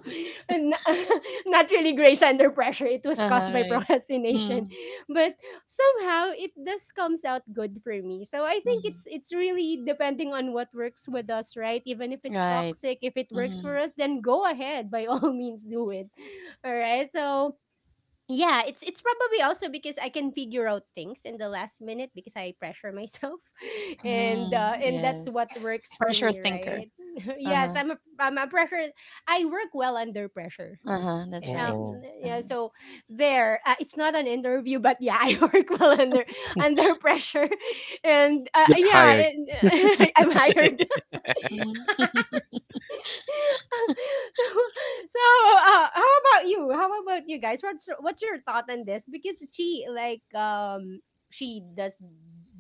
S1: <laughs> and <laughs> not really grace under pressure. It was
S2: Uh-huh,
S1: caused by <laughs>
S2: right.
S1: procrastination,
S2: Mm,
S1: but somehow it does comes out good for me. So I think it's
S2: mhm.
S1: it's really depending on what works with us, right? Even if it's
S2: Right.
S1: toxic, if it works for
S2: Mhm.
S1: us, then go ahead, by all <laughs> means, do it. All right so yeah, it's it's probably also because I can figure out things in the last minute because I pressure myself, <laughs> and
S2: Mm,
S1: uh, and that's
S2: yes.
S1: what works for
S2: Pressure
S1: me,
S2: thinker.
S1: right? <laughs> Yes,
S2: Uh-huh.
S1: I'm a I'm a pressure. I work well under pressure.
S2: Uh-huh, that's
S1: Um,
S2: right.
S3: Mm-mm.
S1: yeah,
S2: Uh-huh.
S1: so there, uh, it's not an interview, but yeah, <laughs> I work well under
S3: <laughs>
S1: under pressure, <laughs> and uh,
S3: You're
S1: yeah,
S3: hired.
S1: and, <laughs> I'm hired.
S2: Mhm.
S1: <laughs> So uh, how about you, how about you guys? What's what's your thought on this? Because she like um she does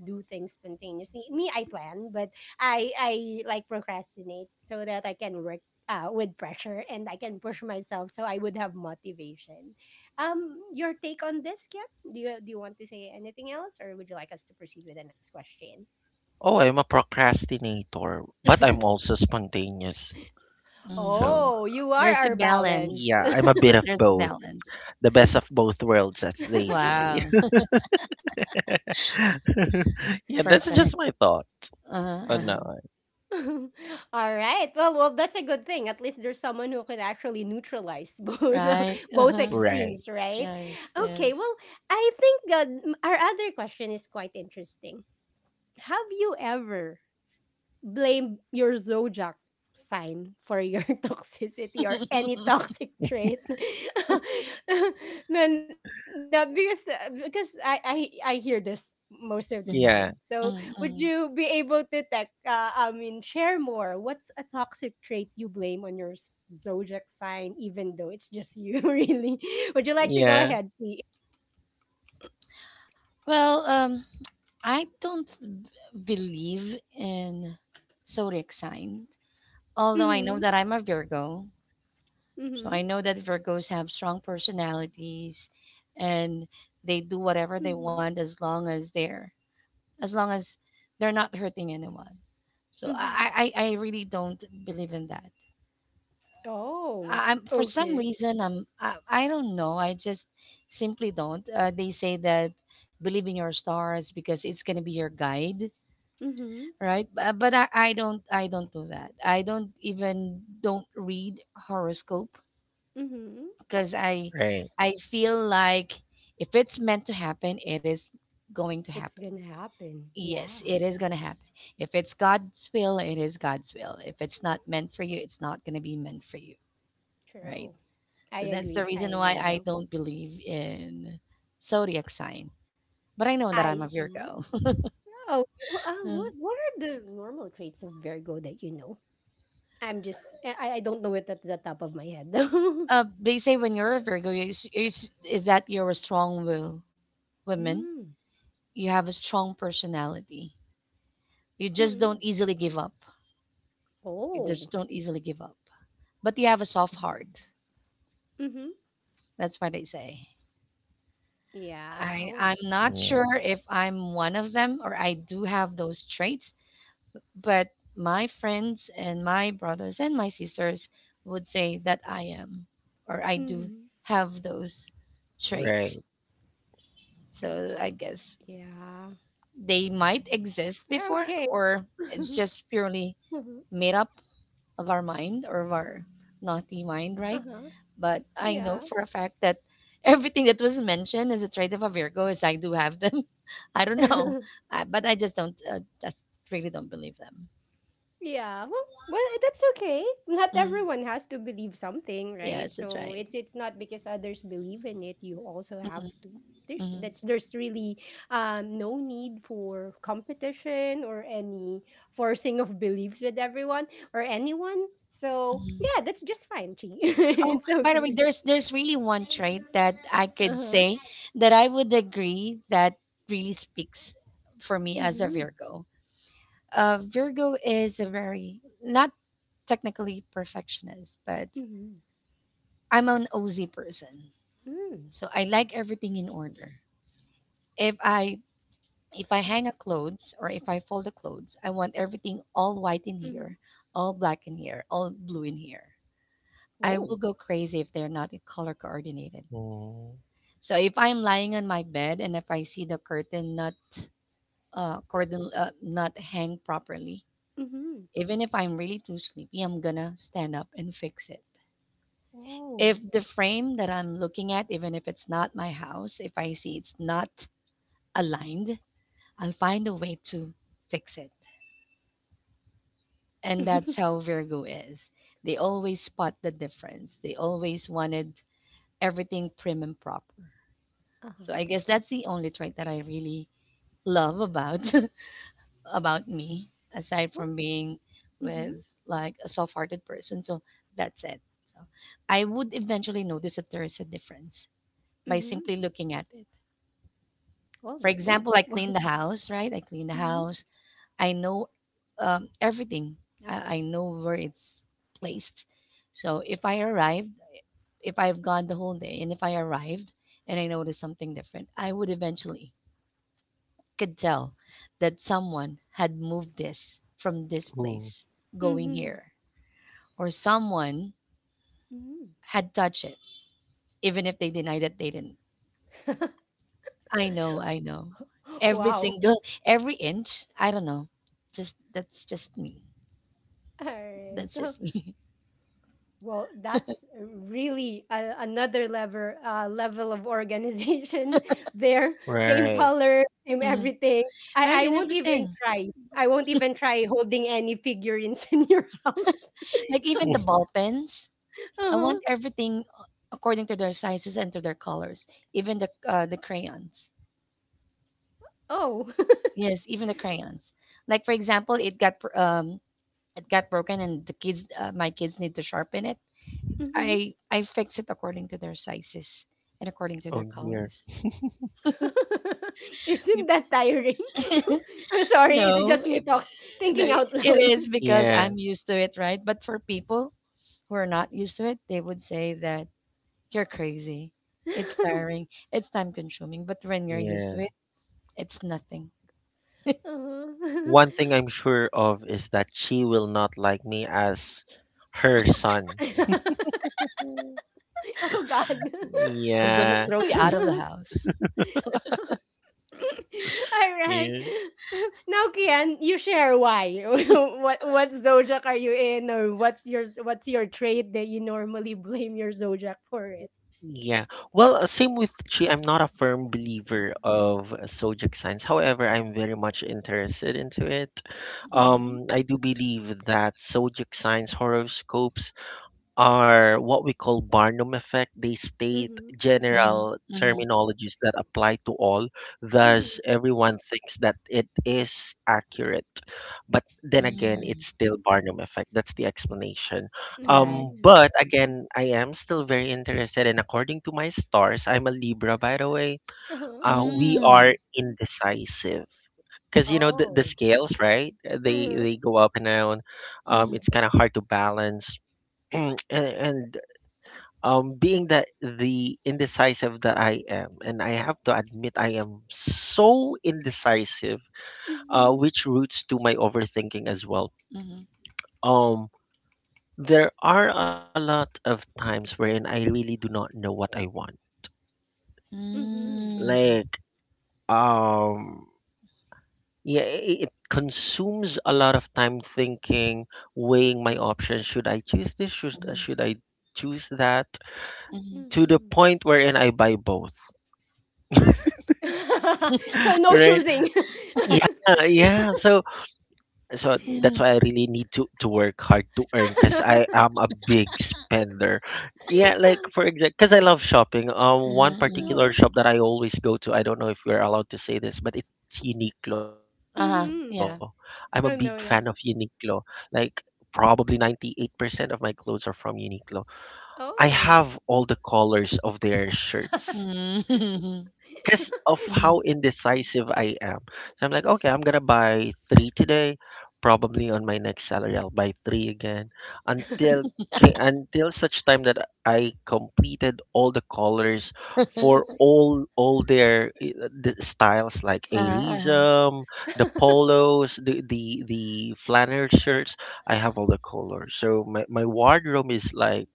S1: do things spontaneously. Me, I plan, but i i like procrastinate so that I can work uh, with pressure, and I can push myself, so I would have motivation. Um your take on this, Kim? Do you do you want to say anything else, or would you like us to proceed with the next question?
S3: Oh, I'm a procrastinator, but I'm
S1: <laughs>
S3: also spontaneous. So,
S2: Mhm.
S1: Oh, you are
S2: There's a
S1: our
S2: balance.
S1: balance.
S3: yeah, I'm a bit of
S2: There's a
S3: both.
S2: balance.
S3: The best of both worlds, as they
S1: <laughs>
S3: say.
S2: Wow. <laughs>
S3: <laughs> Yeah, that's just
S2: Perfect.
S3: my thought
S2: Uh-huh,
S3: on
S2: uh-huh.
S3: that one.
S1: <laughs> All right. Well, well, that's a good thing. At least there's someone who can actually neutralize <laughs> both uh,
S2: Right.
S1: both
S2: Uh-huh.
S3: Right.
S1: extremes, right?
S2: Yes,
S1: Okay.
S2: yes.
S1: Well, I think uh, m- our other question is quite interesting. Have you ever blame your zodiac sign for your <laughs> toxicity or any
S2: <laughs>
S1: toxic trait? <laughs> Then that, because because I, I I hear this most of the time.
S2: Mhm,
S3: Yeah.
S1: So would
S2: mm,
S1: you
S2: mm.
S1: be able to tech, uh, I mean, share more? What's a toxic trait you blame on your s- zodiac sign, even though it's just you? <laughs> Really, would you like to go
S3: Yeah.
S1: ahead, Chi?
S2: Well, um, I don't b- believe in zodiac sign, although I
S1: Mm-hmm,
S2: know that I'm a Virgo. So
S1: mm-hmm,
S2: I know that Virgos have strong personalities and they do whatever they
S1: mm-hmm,
S2: want as long as they're as long as they're not hurting anyone. So
S1: mm-hmm.
S2: I I, I really don't believe in that.
S1: Oh,
S2: I, I'm For some
S1: okay.
S2: reason I'm I, I don't know. I just simply don't. Uh, they say that believe in your stars because it's gonna be your guide,
S1: Mm-hmm,
S2: right? But, but I, I don't I don't do that. I don't even don't read horoscope
S1: mm-hmm.
S2: because I
S3: Right.
S2: I feel like if it's meant to happen, it is going to
S1: It's
S2: happen.
S1: gonna happen. Yeah,
S2: Yes, it is going to happen. If it's God's will, it is God's will. If it's not meant for you, it's not going to be meant for you, right?
S1: true. I
S2: So that's the
S1: agree. I
S2: reason why
S1: agree,
S2: I
S1: though.
S2: don't believe in zodiac sign. But I know that I'm
S1: I
S2: a
S1: see.
S2: Virgo. <laughs>
S1: Oh, wh- uh, what
S2: Mm.
S1: what are the normal traits of Virgo that you know? I'm just I I I don't know it at the top of my head though.
S2: uh, they say when you're a Virgo, is, is, is that you're a strong will
S1: <laughs>
S2: woman.
S1: Mm.
S2: You have a strong personality. You just don't
S1: Mm-mm.
S2: easily give up. You just
S1: Oh.
S2: don't easily give up. But you have a soft heart.
S1: Mhm.
S2: That's what they say.
S1: Yeah.
S2: I
S1: Oh.
S2: I'm not
S3: Yeah.
S2: sure if I'm one of them or I do have those traits, but my friends and my brothers and my sisters would say that I am or I do
S1: Mhm.
S2: have those traits.
S3: Right.
S2: So I
S1: Yeah.
S2: guess they might
S1: Okay.
S2: exist before or
S1: <laughs>
S2: it's just
S1: Uh-huh.
S2: purely made up of our mind or of our naughty mind,
S1: Uh-huh.
S2: right? But
S1: Yeah.
S2: I know for a fact that everything that was mentioned as a trait of a Virgo is I do have them. <laughs> I don't know,
S1: <laughs>
S2: I, but I just don't. Uh, just really don't believe them.
S1: Yeah. Well, well, that's okay. Not
S2: Mm,
S1: everyone has to believe something, right?
S2: yes, that's
S1: So
S2: right.
S1: it's it's not because others believe in it, you also have
S2: Hmm.
S1: to. There's
S2: Hmm.
S1: that's there's really um no need for competition or any forcing of beliefs with everyone or anyone. So
S2: Hmm.
S1: yeah, that's just fine, Chi. <laughs>
S2: Oh,
S1: It's
S2: by the way,
S1: okay.
S2: there's there's really one trait that I could
S1: Uh-huh.
S2: say that I would agree that really speaks for me as a
S1: Mm-hmm.
S2: Virgo. Uh, Virgo is a very not technically perfectionist, but
S1: Mm-hmm.
S2: I'm an O Z person,
S1: Mm.
S2: so I like everything in order. If I
S1: Oh. Okay.
S2: if I hang a clothes or if I fold the clothes, I want everything all
S1: Mm-hmm.
S2: white in here, all black in here, all blue in here.
S1: Oh.
S2: I will go crazy if they're not color coordinated.
S3: Mm.
S2: So if I'm lying on my bed and if I see the curtain not uh curtain uh, not hang properly,
S1: Mm-hmm.
S2: even if I'm really too sleepy, I'm gonna stand up and fix it.
S1: Oh.
S2: If the frame that I'm looking at, even if it's not my house, if I see it's not aligned, I'll find a way to fix it.
S1: <laughs>
S2: And that's
S1: Uh-huh.
S2: how Virgo is. They always spot the difference. They always wanted everything prim and proper. So I guess
S1: That's
S2: that's the only trait that I really love about <laughs> about me, aside
S1: what.
S2: from being
S1: Mm-hmm.
S2: with like a soft-hearted person. So that's it. So I would eventually notice that there is a difference by simply
S1: Mhm.
S2: looking at it.
S1: Well, that's
S2: For
S1: good.
S2: example, I
S1: <laughs>
S2: clean the house, right? I clean the
S1: Well,
S2: house, I know um, everything. I, I know where it's placed. So if I arrived, if I've gone the whole day, and if I arrived and I noticed something different, I would eventually could tell that someone had moved this from this
S3: Ooh.
S2: place
S1: mhm,
S2: going
S1: mhm,
S2: here, or someone
S1: mhm.
S2: had touched it, even if they deny that they didn't.
S1: <laughs>
S2: I know, I know. Every
S1: Wow.
S2: single, every inch. I don't know. Just That's just me.
S1: Alright.
S2: That's just
S1: <laughs>
S2: me. <laughs>
S1: Well, that's really a another level, uh, level of organization <laughs> there. Same
S3: Right.
S1: color, same
S2: Mhm.
S1: everything.
S2: Right
S1: I I
S2: in
S1: won't even
S2: everything.
S1: try. I won't even try holding any figurines <laughs> in your house.
S2: Like
S3: <laughs>
S2: even the
S3: Oh,
S2: ball pens,
S1: <laughs>
S2: I
S1: Uh-huh.
S2: want everything according to their sizes and to their colors. Even the uh, the crayons.
S1: Oh. <laughs>
S2: Yes, even the crayons. Like for example, it got br- um it got broken and the kids uh, my kids need to sharpen it.
S1: Mhm.
S2: I I fix it according to their sizes and according to their
S3: dear.
S2: colors.
S1: <laughs> Isn't
S2: Yep.
S1: that tiring?
S2: <laughs>
S1: <laughs> I'm sorry, it's
S2: no,
S1: just me
S2: it,
S1: talking,
S2: no,
S1: thinking out
S2: it
S1: loud.
S2: is because
S3: Yeah.
S2: I'm used to it, right? But for people who are not used to it, they would say that you're crazy. It's
S1: <laughs>
S2: tiring. It's time consuming. But when you're used
S3: Yeah.
S2: to it, it's nothing.
S1: Uh-huh.
S3: One thing I'm sure of is that she will not like me as her son.
S1: <laughs>
S3: <laughs>
S1: Oh God.
S2: I'm gonna
S3: Yeah,
S2: throw you out of the
S1: <laughs>
S2: house.
S1: All right.
S3: yeah.
S1: <laughs> Now, Kian, you share why. <laughs> what what zodiac are you in, or what your what's your trait that you normally blame your zodiac for it?
S3: Yeah. Well, uh, same with Chi. I'm not a firm believer of uh, zodiac signs. However, I'm very much interested into it.
S2: Mhm,
S1: Mm-hmm.
S3: Um, I do believe that zodiac signs, horoscopes, are what we call Barnum effect. They state
S1: Mm-hmm.
S2: mhm,
S3: general
S2: mhm,
S3: terminologies that apply to all.
S1: Mm-hmm.
S3: Thus, everyone thinks that it is accurate. But then again,
S2: mhm.
S3: it's still Barnum effect. That's the explanation.
S2: Correct.
S3: Um,
S1: Mm-hmm.
S3: but again, I am still very interested. And according to my stars, I'm a Libra, by the way.
S1: Uh-huh.
S3: Uh, we
S2: Mm,
S3: are indecisive. Because, you know, the, the
S1: Oh.
S3: scales, right? They
S1: Uh-huh.
S3: they go up and down. Um,
S2: mhm,
S3: it's kind of hard to balance, <clears throat> and, and um being that the indecisive that I am, and I have to admit I am so indecisive, uh
S1: Mm-hmm.
S3: which roots to my overthinking as well.
S2: mhm,
S3: um there are a lot of times wherein I really do not know what I want,
S1: Mm-hmm.
S2: mm,
S3: like, um yeah, i- it consumes a lot of time thinking, weighing my options: should I choose this, should, uh,
S2: mhm,
S3: should I choose that,
S2: mhm,
S3: to the
S1: Mm-hmm.
S3: point wherein I buy both. <laughs>
S1: <laughs> So no
S3: Right.
S1: choosing. <laughs>
S3: Yeah, yeah. So so that's
S2: mhm,
S3: why I really need to to work hard to earn, because
S1: Uh-huh.
S3: I am a big spender. Yeah, like for example, because I love shopping. Um, one
S2: mhm, mhm.
S3: particular shop that I always go to. I don't know if we're allowed to say this, but it's Uniqlo. I'm a big
S2: Uh-huh.
S3: fan
S1: Mm-hmm.
S3: of
S2: Yeah.
S3: Uniqlo.
S1: Oh, no,
S3: Like,
S1: that.
S3: probably ninety-eight percent of my clothes are from Uniqlo. I have all the
S1: Oh.
S3: colors of their shirts
S2: Mm, <laughs>
S3: because of how
S1: <laughs>
S2: mhm,
S3: indecisive I am. So I'm like, okay, I'm gonna buy three today. Probably on my next salary, I'll buy three again, until k- until such time that I completed all the colors
S2: <laughs>
S3: for
S2: mhm.
S3: all all their uh, the styles, like
S2: Uh-huh, uh-huh,
S3: Aerism, the polos, the the the flannel shirts. I have all the colors, so my my wardrobe is like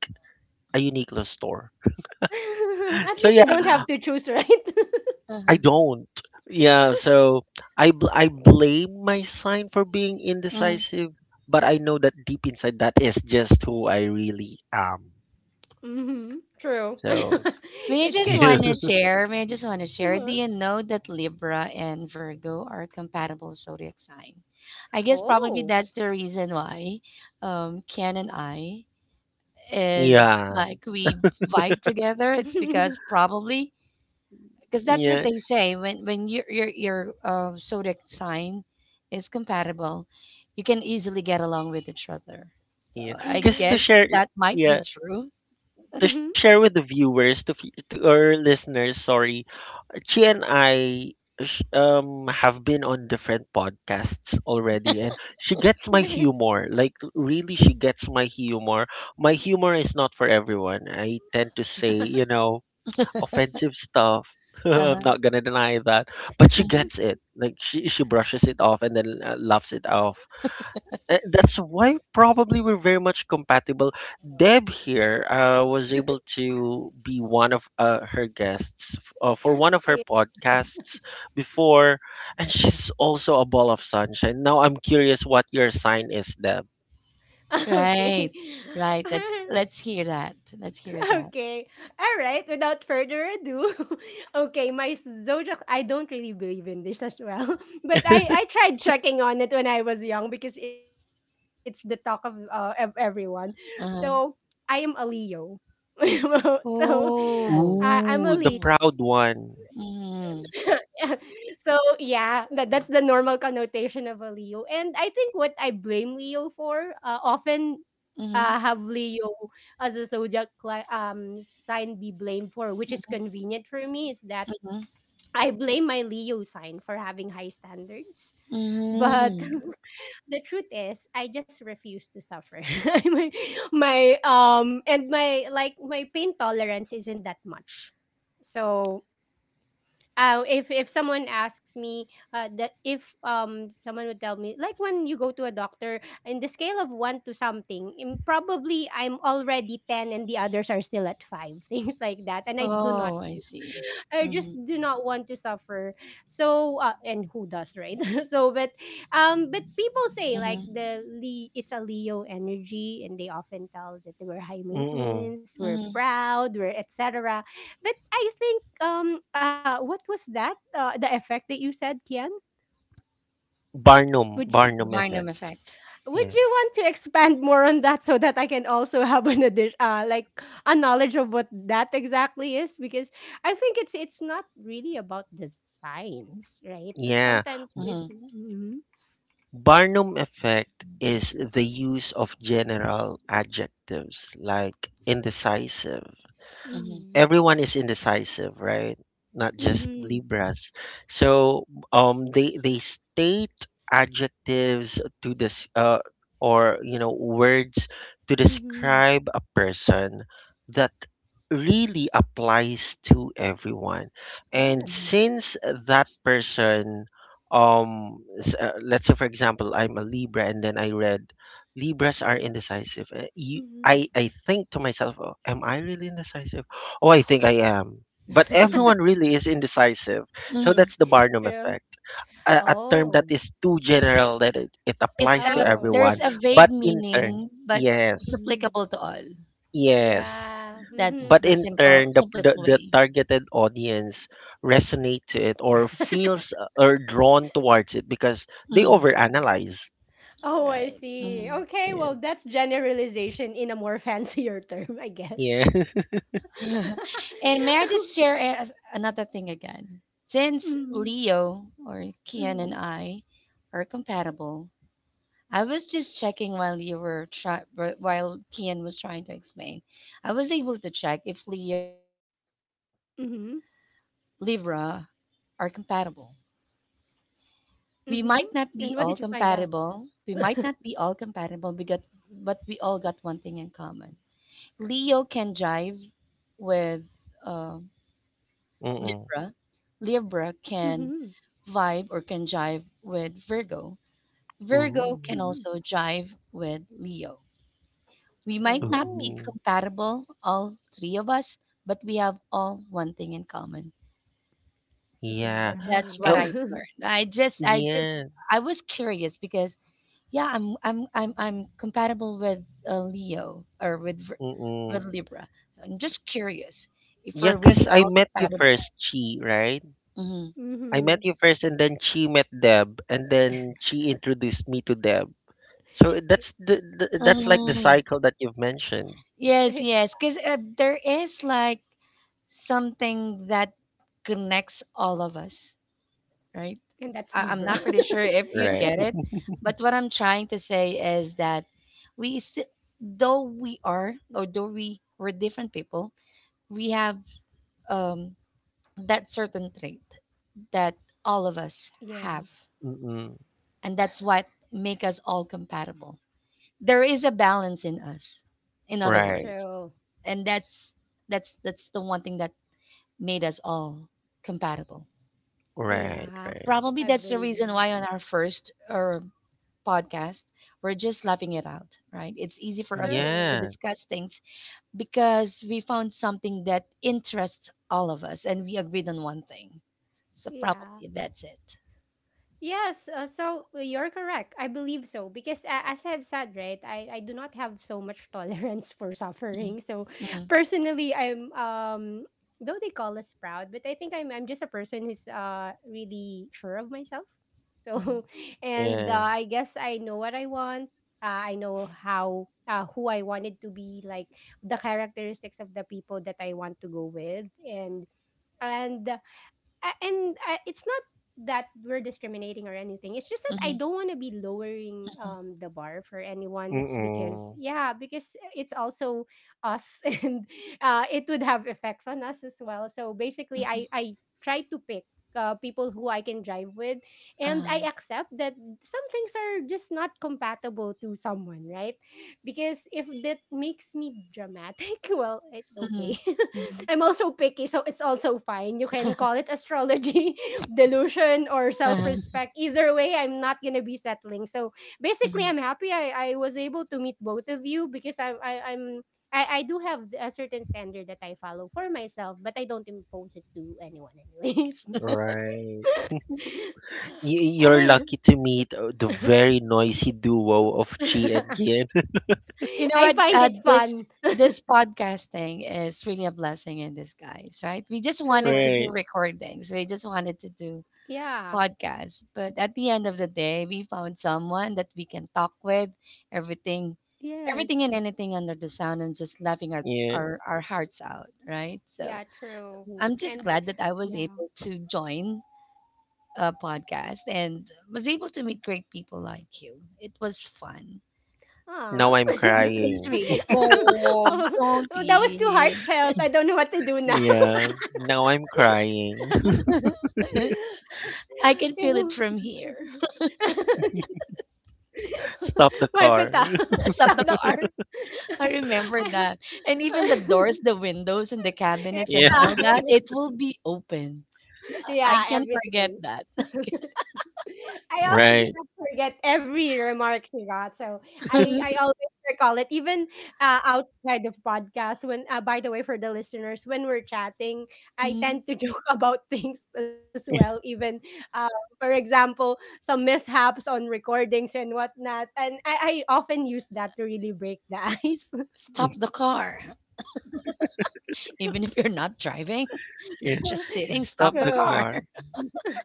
S3: a Uniqlo store.
S1: At
S3: So
S1: least
S3: yeah.
S1: you don't have to
S2: uh-huh,
S1: choose, right? <laughs>
S3: I
S2: uh-huh,
S3: don't. Yeah, so I bl- I blame my sign for being
S2: mm-hmm.
S3: indecisive, but I know that deep inside that is just who I really am.
S1: Mm-hmm. True.
S3: So,
S1: <laughs>
S2: May I
S1: It
S2: just
S3: <laughs> yeah,
S1: could
S2: want to
S1: be.
S2: share? May I just want to share? Do
S1: Uh-huh.
S2: you know that Libra and Virgo are compatible zodiac sign? I guess probably
S1: Oh.
S2: that's the reason why um, Ken and I is
S3: yeah,
S2: like we vibe together.
S1: <laughs>
S2: It's
S1: Mm-hmm.
S2: because probably because that's what
S3: yeah,
S2: they say when when your your your uh, zodiac sign is compatible, you can easily get along with each other. So
S3: yeah.
S2: I
S3: Just to
S2: guess
S3: share,
S2: that might be
S3: yeah,
S2: true.
S3: to
S1: Mm-hmm.
S3: share with the viewers, to fe- to our listeners, sorry, she and I sh- um have been on different podcasts already, and she gets my
S1: <laughs>
S3: humor. Like, really, she gets my humor. My humor is not for everyone. I tend to say, you know offensive stuff. <laughs> I'm
S2: Uh-huh.
S3: not gonna deny that, but she
S2: Mm-hmm.
S3: gets it. Like, she she brushes it off, and then uh, laughs it off. uh, That's why probably we're very much compatible. Deb here uh, was able to be one of uh, her guests, f- uh, for one of her
S1: Yeah. <laughs>
S3: podcasts before, and she's also a ball of sunshine. Now I'm curious what your sign is, Deb.
S1: Okay.
S2: Right. Right.
S1: <laughs>
S2: Let's let's hear that. Let's hear that.
S1: Okay. All right. Without further ado, <laughs> okay, my zodiac. I don't really believe in this as well, <laughs> but I I tried checking on it when I was young because it's the talk of uh, of everyone. So
S2: Uh-huh.
S1: I am a Leo. <laughs> So uh,
S2: Oh.
S1: I'm a Leo.
S3: Ooh, the
S2: Mm.
S3: proud one.
S2: Mm.
S1: <laughs> So yeah, that that's the normal connotation of a Leo. And I think what I blame Leo for uh, often
S2: Mm-hmm.
S1: uh, have Leo as a zodiac cli- um sign be blamed for, which is convenient for me, is that
S2: Mm-hmm.
S1: I blame my Leo sign for having high standards. But
S2: Mm-hmm.
S1: <laughs> the truth is, I just refuse to suffer. <laughs> my, my um and my like my pain tolerance isn't that much. So uh, if if someone asks me uh, that if um someone would tell me like when you go to a doctor, in the scale of one to something, im- probably I'm already ten and the others are still at five, <laughs> things like that, and I do not
S2: Oh, I
S1: <laughs>
S2: see.
S1: I
S2: Mm-hmm.
S1: just do not want to suffer. So uh, and who does, right? <laughs> So but um but people say like
S2: Mm-hmm.
S1: the Le- it's a Leo energy, and they often tell that they were high
S3: Mm-mm.
S1: maintenance, we're
S2: Mm-hmm.
S1: proud, we're et cetera. But I think um uh what was that uh, the effect that you said, Kian?
S3: Barnum,
S1: Would you,
S3: Barnum effect.
S2: Barnum effect.
S1: would
S3: Yeah.
S1: you want to expand more on that so that I can also <laughs> have an addition uh, like a knowledge of what that exactly is, because I think it's it's not really about the science, right?
S3: Yeah.
S1: Sometimes
S3: B-
S2: Mm-hmm.
S1: it's mm-hmm,
S3: Barnum effect is the use of general adjectives like indecisive —
S2: Mm-hmm.
S1: mm-hmm,
S3: everyone is indecisive, right? Not just
S1: mm-hmm,
S3: Libras. So um, they they state adjectives to this, uh, or you know words to
S1: mm-hmm.
S3: describe a person that really applies to everyone. And
S1: Oh,
S2: Mm-hmm.
S3: since that person, um s- uh, let's say, for example, I'm a Libra and then I read Libras are indecisive. Uh, You,
S1: mm-hmm.
S3: I I think to myself, oh, am I really indecisive? Oh, I think I am. But
S2: Mm-hmm.
S3: everyone really is indecisive. So
S2: Mm-hmm.
S3: that's the
S1: <laughs>
S3: Barnum
S1: True.
S3: effect. A, a term that
S1: Oh.
S3: is too general that it, it
S2: It's
S3: applies to
S2: a
S1: Oh,
S3: everyone,
S2: there's a
S1: okay.
S2: vague
S3: but in turn,
S2: meaning, but
S3: yes,
S2: it's
S1: hmm
S2: applicable to all.
S3: yes.
S1: yeah.
S2: That's
S1: Mhm.
S3: But
S2: the
S3: in
S2: simple
S3: turn, the, the,
S2: simplest
S3: the
S2: way.
S3: targeted audience resonate to it or feels uh, or drawn towards it because they
S2: Mm-hmm.
S3: overanalyze.
S1: Oh, I
S2: Right.
S1: see.
S2: Mm-hmm.
S1: Okay,
S3: Yeah.
S1: well, that's generalization in a more <laughs> fancier term, I guess.
S3: Yeah.
S1: <laughs>
S2: <laughs> And may I just share a- as- another thing again? Since
S1: Mm-hmm,
S2: Leo or Kian and
S1: mm-hmm,
S2: I are compatible, I was just checking while you were try- wh- while Kian was trying to explain. I was able to check if Leo, Virgo, and
S1: mm-hmm,
S2: Libra are compatible. We
S1: mm-hmm.
S2: might not be
S1: And
S2: all
S1: what did you find out?
S2: compatible. We might
S1: <laughs>
S2: not be all compatible because but we all got one thing in common. Leo can jive with um
S3: <laughs> Mm-mm.
S2: Libra. Libra
S1: Mm-hmm,
S2: can vibe or can jive with Virgo. Virgo
S3: Ooh.
S2: can
S1: mm-hmm.
S2: also jive with Leo. We might not be
S1: Oh,
S3: Ooh.
S2: compatible, all three of us, but we have all one thing in common.
S1: we can
S3: Yeah.
S2: That's what
S3: Oh,
S2: I
S1: drive. <laughs>
S2: learned. I just, I just,
S3: yeah.
S2: I was curious because yeah, I'm, I'm, I'm, I'm compatible with uh, Leo or with, Vir-
S3: Mm-mm.
S2: with Libra. I'm just curious if
S3: Yeah,
S2: we're
S3: because
S2: really
S3: I
S2: all
S3: met you
S2: compatible.
S3: first, Chi, right?
S2: Mm-hmm.
S3: I met you
S1: Mm-hmm.
S3: first, and then Chi met Deb, and then Chi introduced me to Deb. So, eh, that's the,
S1: <laughs>
S3: the that's like the cycle that you've mentioned,
S2: Yes, yes, because uh, there is like something that connects all of us, right?
S1: And that's
S2: I- I'm
S1: Libra.
S2: not pretty sure if you
S1: <laughs>
S3: right?
S2: get it, but what I'm trying to say is that we, sti- though we are, or though we were different people, we have um, that certain trait that all of us
S1: Yes,
S2: have,
S3: Mm-mm.
S2: and that's what make us all compatible. There is a balance in us, in other
S3: Right,
S2: words,
S1: true.
S2: and that's that's that's the one thing that made us all compatible.
S3: right,
S1: Yeah,
S3: right.
S2: Probably
S1: I
S2: that's the
S1: believe
S2: reason
S1: that.
S2: why on our first or podcast we're just laughing it out, right? It's easy for us dis- to
S1: True.
S3: Yeah,
S2: discuss things because we found something that interests all of us and we agreed on one thing. So
S1: Yeah.
S2: probably that's it.
S1: Yes, uh, so uh, you're correct. I believe so because uh, as I've said, right, I, I do not have so much <laughs> tolerance for
S2: Mm,
S1: suffering. So
S2: mm,
S1: personally, I'm um though they call us proud, but I think I'm I'm just a person who's uh really sure of myself. So
S2: mm,
S1: <laughs> and uh,
S3: yeah.
S1: I guess I know what I want. Uh, I know how uh, who I wanted to be, like the characteristics of the people that I want to go with, and and uh, a- and uh, it's not that we're discriminating or anything. It's just that I
S2: mhm,
S1: don't want to be lowering um the bar for anyone. It's because,
S3: Mm-mm.
S1: yeah, because it's also us <laughs> and uh it would have effects on us as well. So basically,
S2: mhm,
S1: i i try to pick uh, people who I can drive with, and
S2: uh,
S1: I accept that some things are just not compatible to someone, right? Because if that makes me dramatic, <laughs> well, it's okay.
S2: mhm,
S1: <laughs>
S2: mhm,
S1: I'm also picky, so it's also fine. You can call it astrology, <laughs> delusion, or self
S2: uh-huh,
S1: respect. Either way, I'm not gonna be settling. So basically,
S2: mhm.
S1: I'm happy I, I was able to meet both of you because I, I I'm. I, I do have a certain standard that I follow for myself, but I don't impose it to anyone, anyways.
S3: Right. Y-
S1: <laughs>
S3: you're
S1: I
S3: lucky to meet uh, the very noisy duo of Chi and
S1: <laughs>
S3: Gian.
S2: You know
S1: I
S2: what?
S1: find
S2: Uh,
S1: it
S2: this
S1: fun.
S2: this podcasting is really a blessing in disguise, right? We just
S3: <laughs>
S2: wanted to
S1: True.
S2: do
S3: Right.
S2: recordings. We just wanted to do
S1: Yeah.
S2: podcasts, but at the end of the day, we found someone that we can talk with everything,
S1: Yes.
S2: everything and anything under the sun, and just laughing our
S3: Yeah.
S2: our, our hearts out, right? So
S1: Yeah, true.
S2: I'm just
S1: And
S2: glad that I was
S1: yeah.
S2: able to join a podcast and was able to meet great people like you. It was fun.
S1: Ah,
S3: Now I'm
S1: <laughs>
S2: It
S1: oh,
S2: is
S3: crying.
S2: really Oh,
S1: oh,
S2: don't
S1: that was too
S2: be.
S1: heartfelt. I don't know what to do now.
S3: Yeah. Now I'm crying.
S2: <laughs> I can
S1: <laughs>
S2: feel it
S1: Ew.
S2: from here.
S1: <laughs>
S3: Stop the
S1: Wipe it
S3: car.
S1: out.
S3: <laughs>
S2: <laughs>
S1: <laughs>
S2: Stop the
S1: Stop the
S2: car.
S1: car.
S2: I remember
S1: <laughs>
S2: that. And even the
S1: I-
S2: doors,
S1: <laughs>
S2: the windows, and the cabinets, and
S3: Yeah,
S1: yeah.
S2: all that, it will be open.
S1: <laughs>
S2: I I
S1: yeah,
S2: can't forget
S1: everything.
S2: that.
S1: <laughs> I also
S3: right.
S1: do not forget every remark she got. So I, I
S2: <laughs>
S1: always recall it, even uh, outside of podcast. When, uh, by the way, for the listeners, when we're chatting, I
S2: Mm,
S1: tend to joke <laughs> about things as well. Even,
S3: <laughs>
S1: uh, for example, some mishaps on recordings and whatnot. And I, I often use that to really break the <laughs> ice.
S2: stop the car. Even if you're not driving, <laughs> you're
S3: Yeah.
S2: just
S3: You
S1: <laughs>
S2: sitting,
S3: Stop
S2: stop the
S3: the
S1: So,
S2: car.
S3: car
S2: <laughs>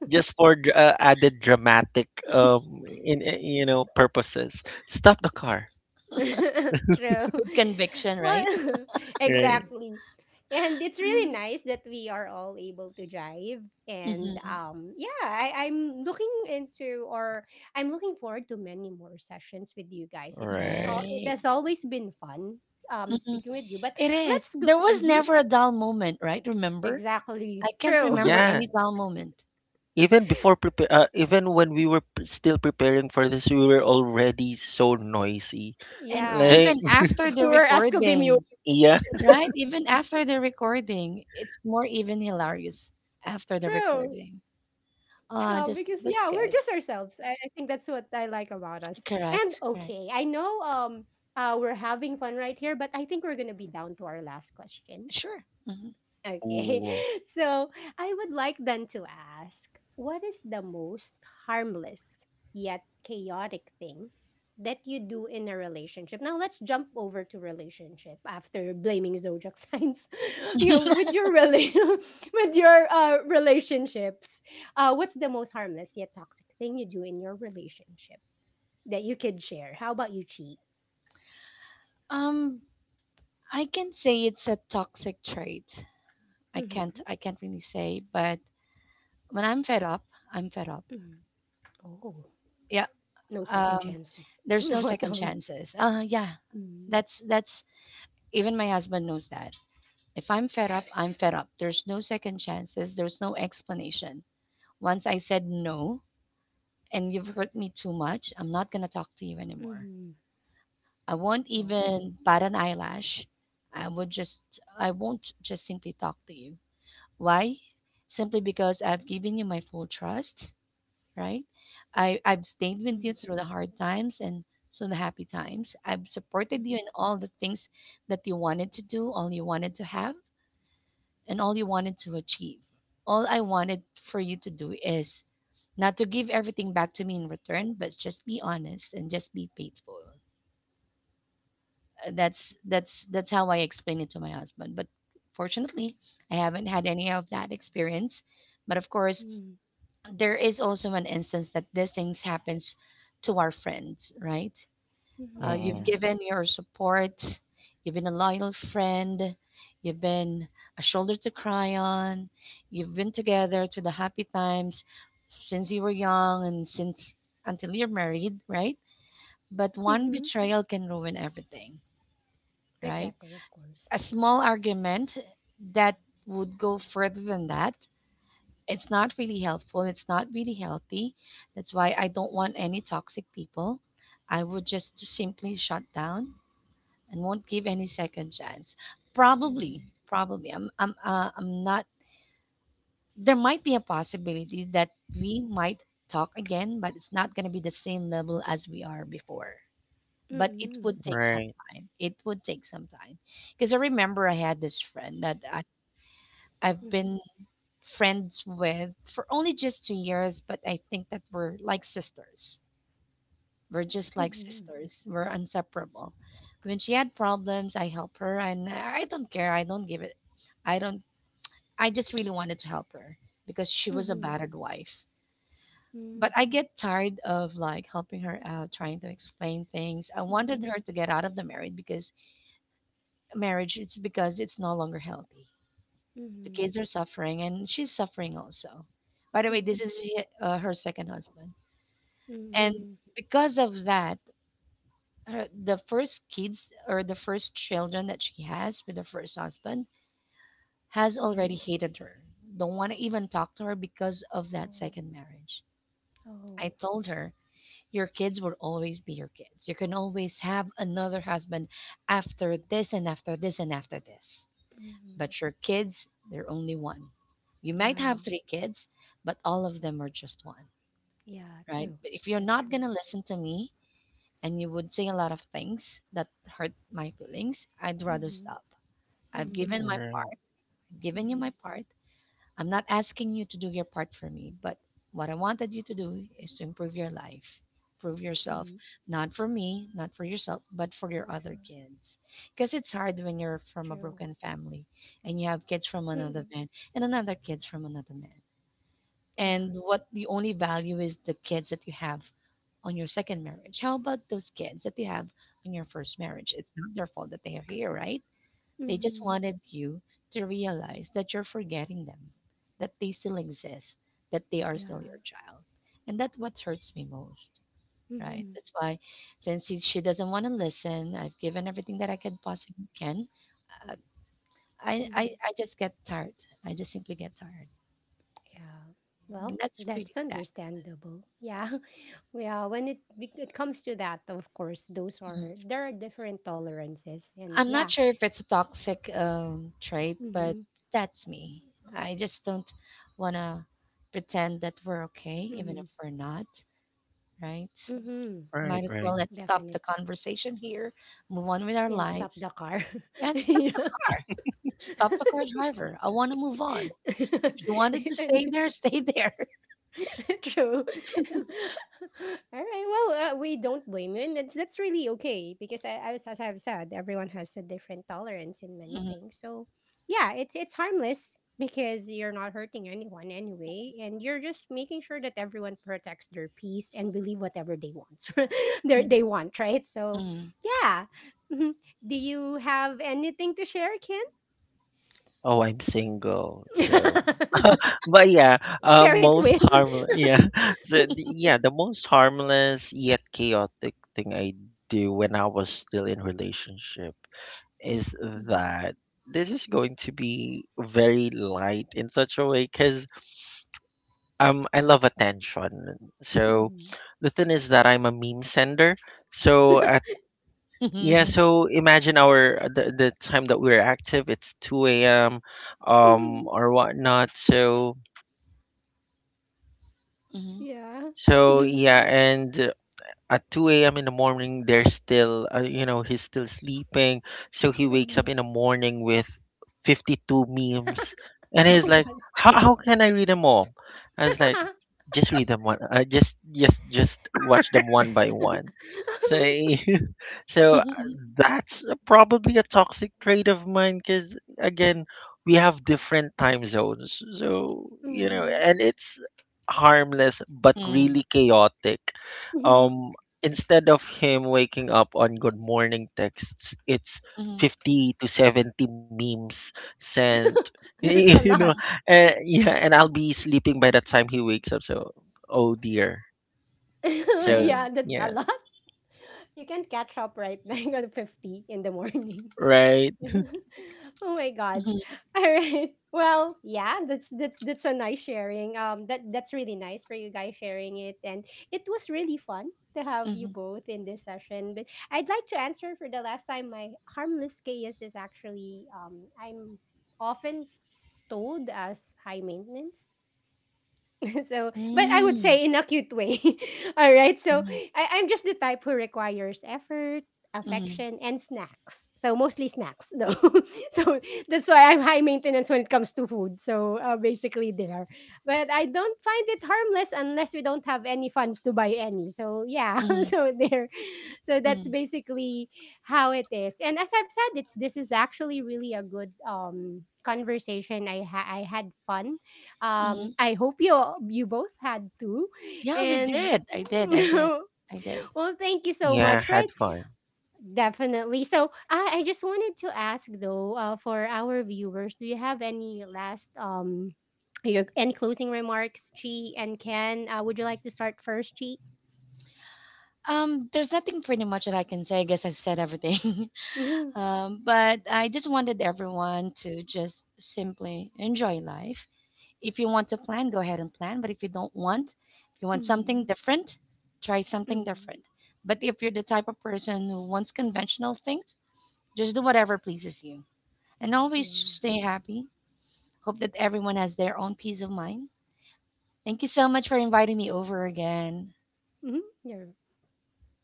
S3: just for dr- uh, added dramatic um in uh, you know purposes. Stop the car.
S1: <laughs> true.
S2: With conviction, right?
S1: Well, <laughs>
S3: Right.
S1: exactly. And it's really nice that we are all able to drive. And
S2: Hmm.
S1: um, yeah, I, I'm looking into or I'm looking forward to many more sessions with you guys. It's it's all
S3: Right.
S1: it has
S2: Right.
S1: always been fun um
S2: Mhm.
S1: speaking with you. But
S2: It is.
S1: let's go.
S2: There was
S1: Hmm.
S2: never a dull moment, right? Remember? I
S1: Exactly.
S2: can't
S1: True.
S2: remember
S3: Yeah.
S2: any dull moment.
S3: Even before prepare, uh, even when we were p- still preparing for this, we were already so noisy.
S1: <laughs>
S2: And
S1: yeah.
S3: Like,
S2: even after
S1: <laughs>
S2: the
S1: We're asked to be
S2: recording,
S1: mute.
S3: yeah.
S2: right? Even after the recording, it's more even hilarious after the
S1: True.
S2: recording.
S1: No, because
S2: Uh
S1: yeah,
S2: just
S1: we're just
S2: that's good.
S1: ourselves. I, I think that's what I like about us. And
S2: Correct.
S1: okay, I
S2: Correct.
S1: know um uh we're having fun right here, but I think we're gonna be down to our last question.
S2: Sure. Mhm.
S1: Okay.
S3: Ooh.
S1: <laughs> So I would like then to ask, what is the most harmless yet chaotic thing that you do in a relationship? Now let's jump over to relationship after blaming zodiac signs. <laughs> you know, with your rela- <laughs> with your uh, relationships, uh, what's the most harmless yet toxic thing you do in your relationship that you could share? How about you, cheat?
S2: Um I can say it's a toxic trait. I
S1: Hmm.
S2: can't I can't really say, but when I'm fed up, I'm fed up.
S1: Oh,
S2: Yeah.
S1: no second
S2: Um
S1: chances. <laughs>
S2: there's
S1: No
S2: no
S1: at
S2: second
S1: all.
S2: chances. Uh yeah. That's that's even my husband knows that. If I'm fed up, I'm fed up. There's no second chances, there's no explanation. Once I said no and you've hurt me too much, I'm not going to talk to you anymore.
S1: Mm-hmm.
S2: I won't
S1: Oh.
S2: even bat an eyelash. I would just I won't just simply talk to you. Why? Simply because I've given you my full trust, right? I, I've stayed with you
S1: Mhm,
S2: through the hard times and through the happy times. I've supported
S1: mhm,
S2: you in all the things that you wanted to do, all you wanted to have, and all you wanted to achieve. All I wanted for you to do is not to give everything back to me in return, but just be honest and just be faithful. Uh, That's that's that's how I explained it to my husband. But fortunately, I haven't had any of that experience. But of course,
S1: mhm,
S2: there is also an instance that these things happens to our friends, right?
S1: mhm,
S2: Uh,
S1: yeah.
S2: you've
S3: Mm-mm.
S2: given your support. You've been a loyal friend. You've been a shoulder to cry on. You've been together to the happy times since you were young and since until you're married, right? But
S1: Mhm.
S2: one betrayal can ruin everything, right?
S1: Exactly, of course.
S2: A small argument that would go further than that. It's not really helpful. It's not really healthy. That's why I don't want any toxic people. I would just simply shut down and won't give any second chance.
S1: Mhm,
S2: Probably, probably. I'm, I'm, uh, I'm not. There might be a possibility that we might talk again, but it's not going to be the same level as we are before. But it
S1: mhm,
S2: would take some
S3: Right.
S2: time. It would take some time because I remember I had this friend that I, I've
S1: mhm,
S2: been friends with for only just two years, but I think that we're like sisters. We're just like
S1: mhm,
S2: sisters. We're inseparable. When she had problems, I help her, and I don't care. I don't give it. I don't. I just really wanted to help her because she was a
S1: mhm,
S2: battered wife.
S1: mhm,
S2: But I get tired of like helping her out, trying to explain things. I wanted
S1: mhm,
S2: her to get out of the marriage because marriage, it's because it's no longer healthy. The
S1: mhm,
S2: kids are suffering, and she's suffering also. By the way,
S1: mhm,
S2: this is uh, her second husband, and
S1: mhm,
S2: because of that her, the first kids or the first children that she has with her first husband has
S1: mhm.
S2: already hated her. Don't want to even talk to her because of that second marriage.
S1: Oh,
S2: I
S1: oh,
S2: told her, your kids will always be your kids. You can always have another husband after this and after this and after this.
S1: mhm.
S2: But your kids, they're only one. You might
S1: Yeah,
S2: have three kids, but all of them are just one,
S1: yeah,
S2: right?
S1: true.
S2: But if you're
S1: That's
S2: not going
S1: true.
S2: to listen to me, and you would say a lot of things that hurt my feelings, I'd rather
S1: Mhm,
S2: stop. I've given
S1: mhm,
S2: my
S3: Right.
S2: part, given you my
S1: mhm,
S2: part. I'm not asking you to do your part for me, but what I wanted you to do is to improve your
S1: mhm.
S2: life, improve yourself, not for me, not for yourself, but
S1: True,
S2: for your other kids. Because it's hard when you're
S1: true.
S2: from a broken family and you have kids from
S1: Mhm,
S2: another man and another kids from another man
S1: yeah.
S2: and what the only value is the kids that you have on your second marriage. How about those kids that you have on your first marriage? It's not their fault that they are here, right? They just
S1: Mhm,
S2: wanted you to realize that you're forgetting them, that they still exist, that they are still
S1: yeah.
S2: your child. And that's what hurts me most, right?
S1: Mhm,
S2: That's why, since he, she doesn't want to listen, I've given everything that I can possibly can. Uh, I, I,
S1: mhm.
S2: I just get tired. I just simply get tired.
S1: Yeah.
S2: And
S1: Well,
S2: that's pretty
S1: that's
S2: sad.
S1: understandable. Yeah. <laughs> Yeah. When it be- it comes to that, of course, those are there are different tolerances, and
S2: I'm not
S1: yeah.
S2: sure if it's a toxic um, trait, but
S1: Mm-hmm.
S2: that's me. I just don't want to pretend that we're
S1: Mm-hmm.
S2: okay, even if we're not, right?
S1: Mm-hmm.
S3: Right.
S2: Might as well
S3: Right.
S2: let's
S1: Definitely.
S2: stop the conversation here, move on with
S1: And
S2: our
S1: stop the
S2: lives,
S1: car. <laughs>
S2: and stop
S1: yeah.
S2: the car. Stop the car driver. I want to move on. If you wanted
S1: <laughs>
S2: to
S1: and
S2: stay there, stay there.
S1: <laughs> true. <laughs> All right. Well, uh, we don't blame you, and that's that's really okay because I, as, as I've said, everyone has a different tolerance in many
S2: <laughs>
S1: things. So, yeah, it's it's harmless because you're not hurting anyone anyway, and you're just making sure that everyone protects their peace and believe whatever they want. <laughs> they they
S2: Mm,
S1: want, right? So,
S2: mm,
S1: yeah. Mhm. Do you have anything to share, Ken?
S3: Oh, I'm single, so.
S1: <laughs>
S3: But yeah, uh,
S1: share it
S3: most
S1: with.
S3: harmless.
S1: <laughs>
S3: Yeah, <laughs> so the- yeah, the most harmless yet chaotic thing I do when I was still in relationship is that this is going to be very light in such a way because um I love attention. So
S1: Mhm.
S3: the thing is that I'm a meme sender. So
S1: Mhm.
S3: at yeah,
S2: mhm,
S3: so imagine our uh, the, the time that we're active. It's two a m um
S1: <laughs>
S3: or whatnot. So.
S2: mhm,
S1: Yeah.
S3: So
S1: <laughs> Mhm.
S3: yeah, and at two a m in the morning, there's still, uh, you know, he's still sleeping. So he wakes up
S1: Uh-huh.
S3: in the morning with fifty-two memes. And he's
S1: Oh
S3: like,
S1: god.
S3: how, how can I read them all? I was like,
S1: <laughs>
S3: just read them one uh, just just just watch them one by one. So <laughs> so, uh,
S2: <laughs>
S3: that's a- probably a toxic trait of mine, because again we have different time zones. So, you know
S1: Mhm.
S3: and it's harmless, but
S2: mm,
S3: really chaotic. um Instead of him waking up on good morning texts, it's
S2: mhm,
S3: fifty to seventy memes sent <laughs>
S1: <laughs> There's a
S3: you know
S1: lot.
S2: mhm,
S3: uh, yeah, and I'll be sleeping by the time he wakes up, so. Oh, dear.
S1: <laughs>
S3: So,
S1: Yeah,
S2: mhm,
S1: that's a
S3: yeah,
S1: lot. You can't catch up right now. <laughs> You got fifty in the morning.
S3: right.
S1: <laughs> oh my god.
S2: mhm,
S1: <laughs> All right. Well, yeah, that's that's that's a nice sharing. Um that that's really nice for you guys sharing it and it was really fun to
S2: mhm,
S1: have you
S2: mhm,
S1: both in this session. But I'd like to answer for the last time. My harmless chaos is actually um I'm often told as high maintenance, <laughs> so but I would
S2: mhm,
S1: say in a cute way. <laughs> All right, so
S2: mhm,
S1: I, i'm just the type who requires effort,
S2: mhm,
S1: affection, and snacks. So mostly snacks. No. <laughs> So that's why I'm high maintenance when it comes to food. So uh, basically there. But I don't find it harmless unless we don't have any funds to buy any, so yeah. <laughs>
S2: mhm,
S1: So there, so that's
S2: mhm,
S1: basically how it is. And as I've said it, this is actually really a good um conversation. I ha- i had fun. um,
S2: mhm.
S1: I hope you you both had too,
S2: Yeah, we
S1: and.
S2: did. I did. I
S1: <laughs>
S2: did. I did.
S1: Well, thank you so
S3: Yeah,
S1: much, right?
S3: had fun.
S1: Definitely. So, I, I just wanted to ask though, uh, for our viewers, do you have any last um your any closing remarks, Chi and Ken? Uh, would you like to start first, Chi?
S2: Um, there's nothing pretty much that I can say. I guess I said everything.
S1: <laughs> mm-hmm.
S2: <laughs> um, but I just wanted everyone to just simply enjoy life. If you want to plan, go ahead and plan. But if you don't want, if you want something different, try something
S1: Mm-hmm.
S2: different. But if you're the type of person who wants conventional things, just do whatever pleases you. And always
S1: Yeah.
S2: stay happy. Hope that everyone has their own peace of mind. Thank you so much for inviting me over again.
S1: Mm-hmm.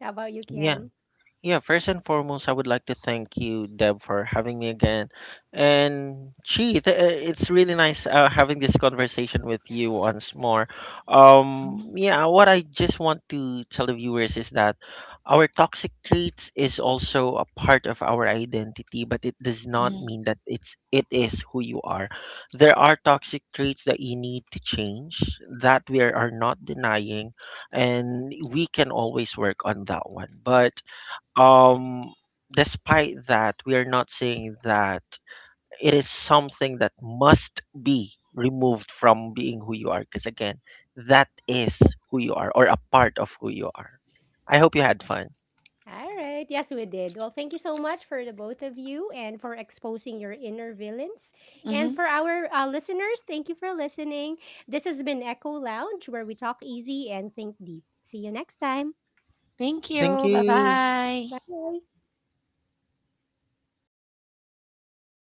S1: How about you,
S3: Yeah,
S1: Ken?
S3: yeah, first and foremost, I would like to thank you, Deb, for having me again. And gee, th- uh, it's really nice uh, having this conversation with you once more. Um, yeah, what I just want to tell the viewers is that our toxic traits is also a part of our identity, but it does not
S2: Mhm,
S3: mean that it's it is who you are. There are toxic traits that you need to change, that we are are not denying, and we can always work on that one. But um, despite that, we are not saying that it is something that must be removed from being who you are, because again, that is who you are, or a part of who you are. I hope you had fun.
S1: All right. Yes, we did. Well, thank you so much for the both of you and for exposing your inner villains. And
S2: mhm.
S1: for our uh, listeners, thank you for listening. This has been Echo Lounge, where we talk easy and think deep. See you next time.
S2: Thank
S3: Thank
S2: you.
S3: you.
S2: Bye-bye.
S1: Bye.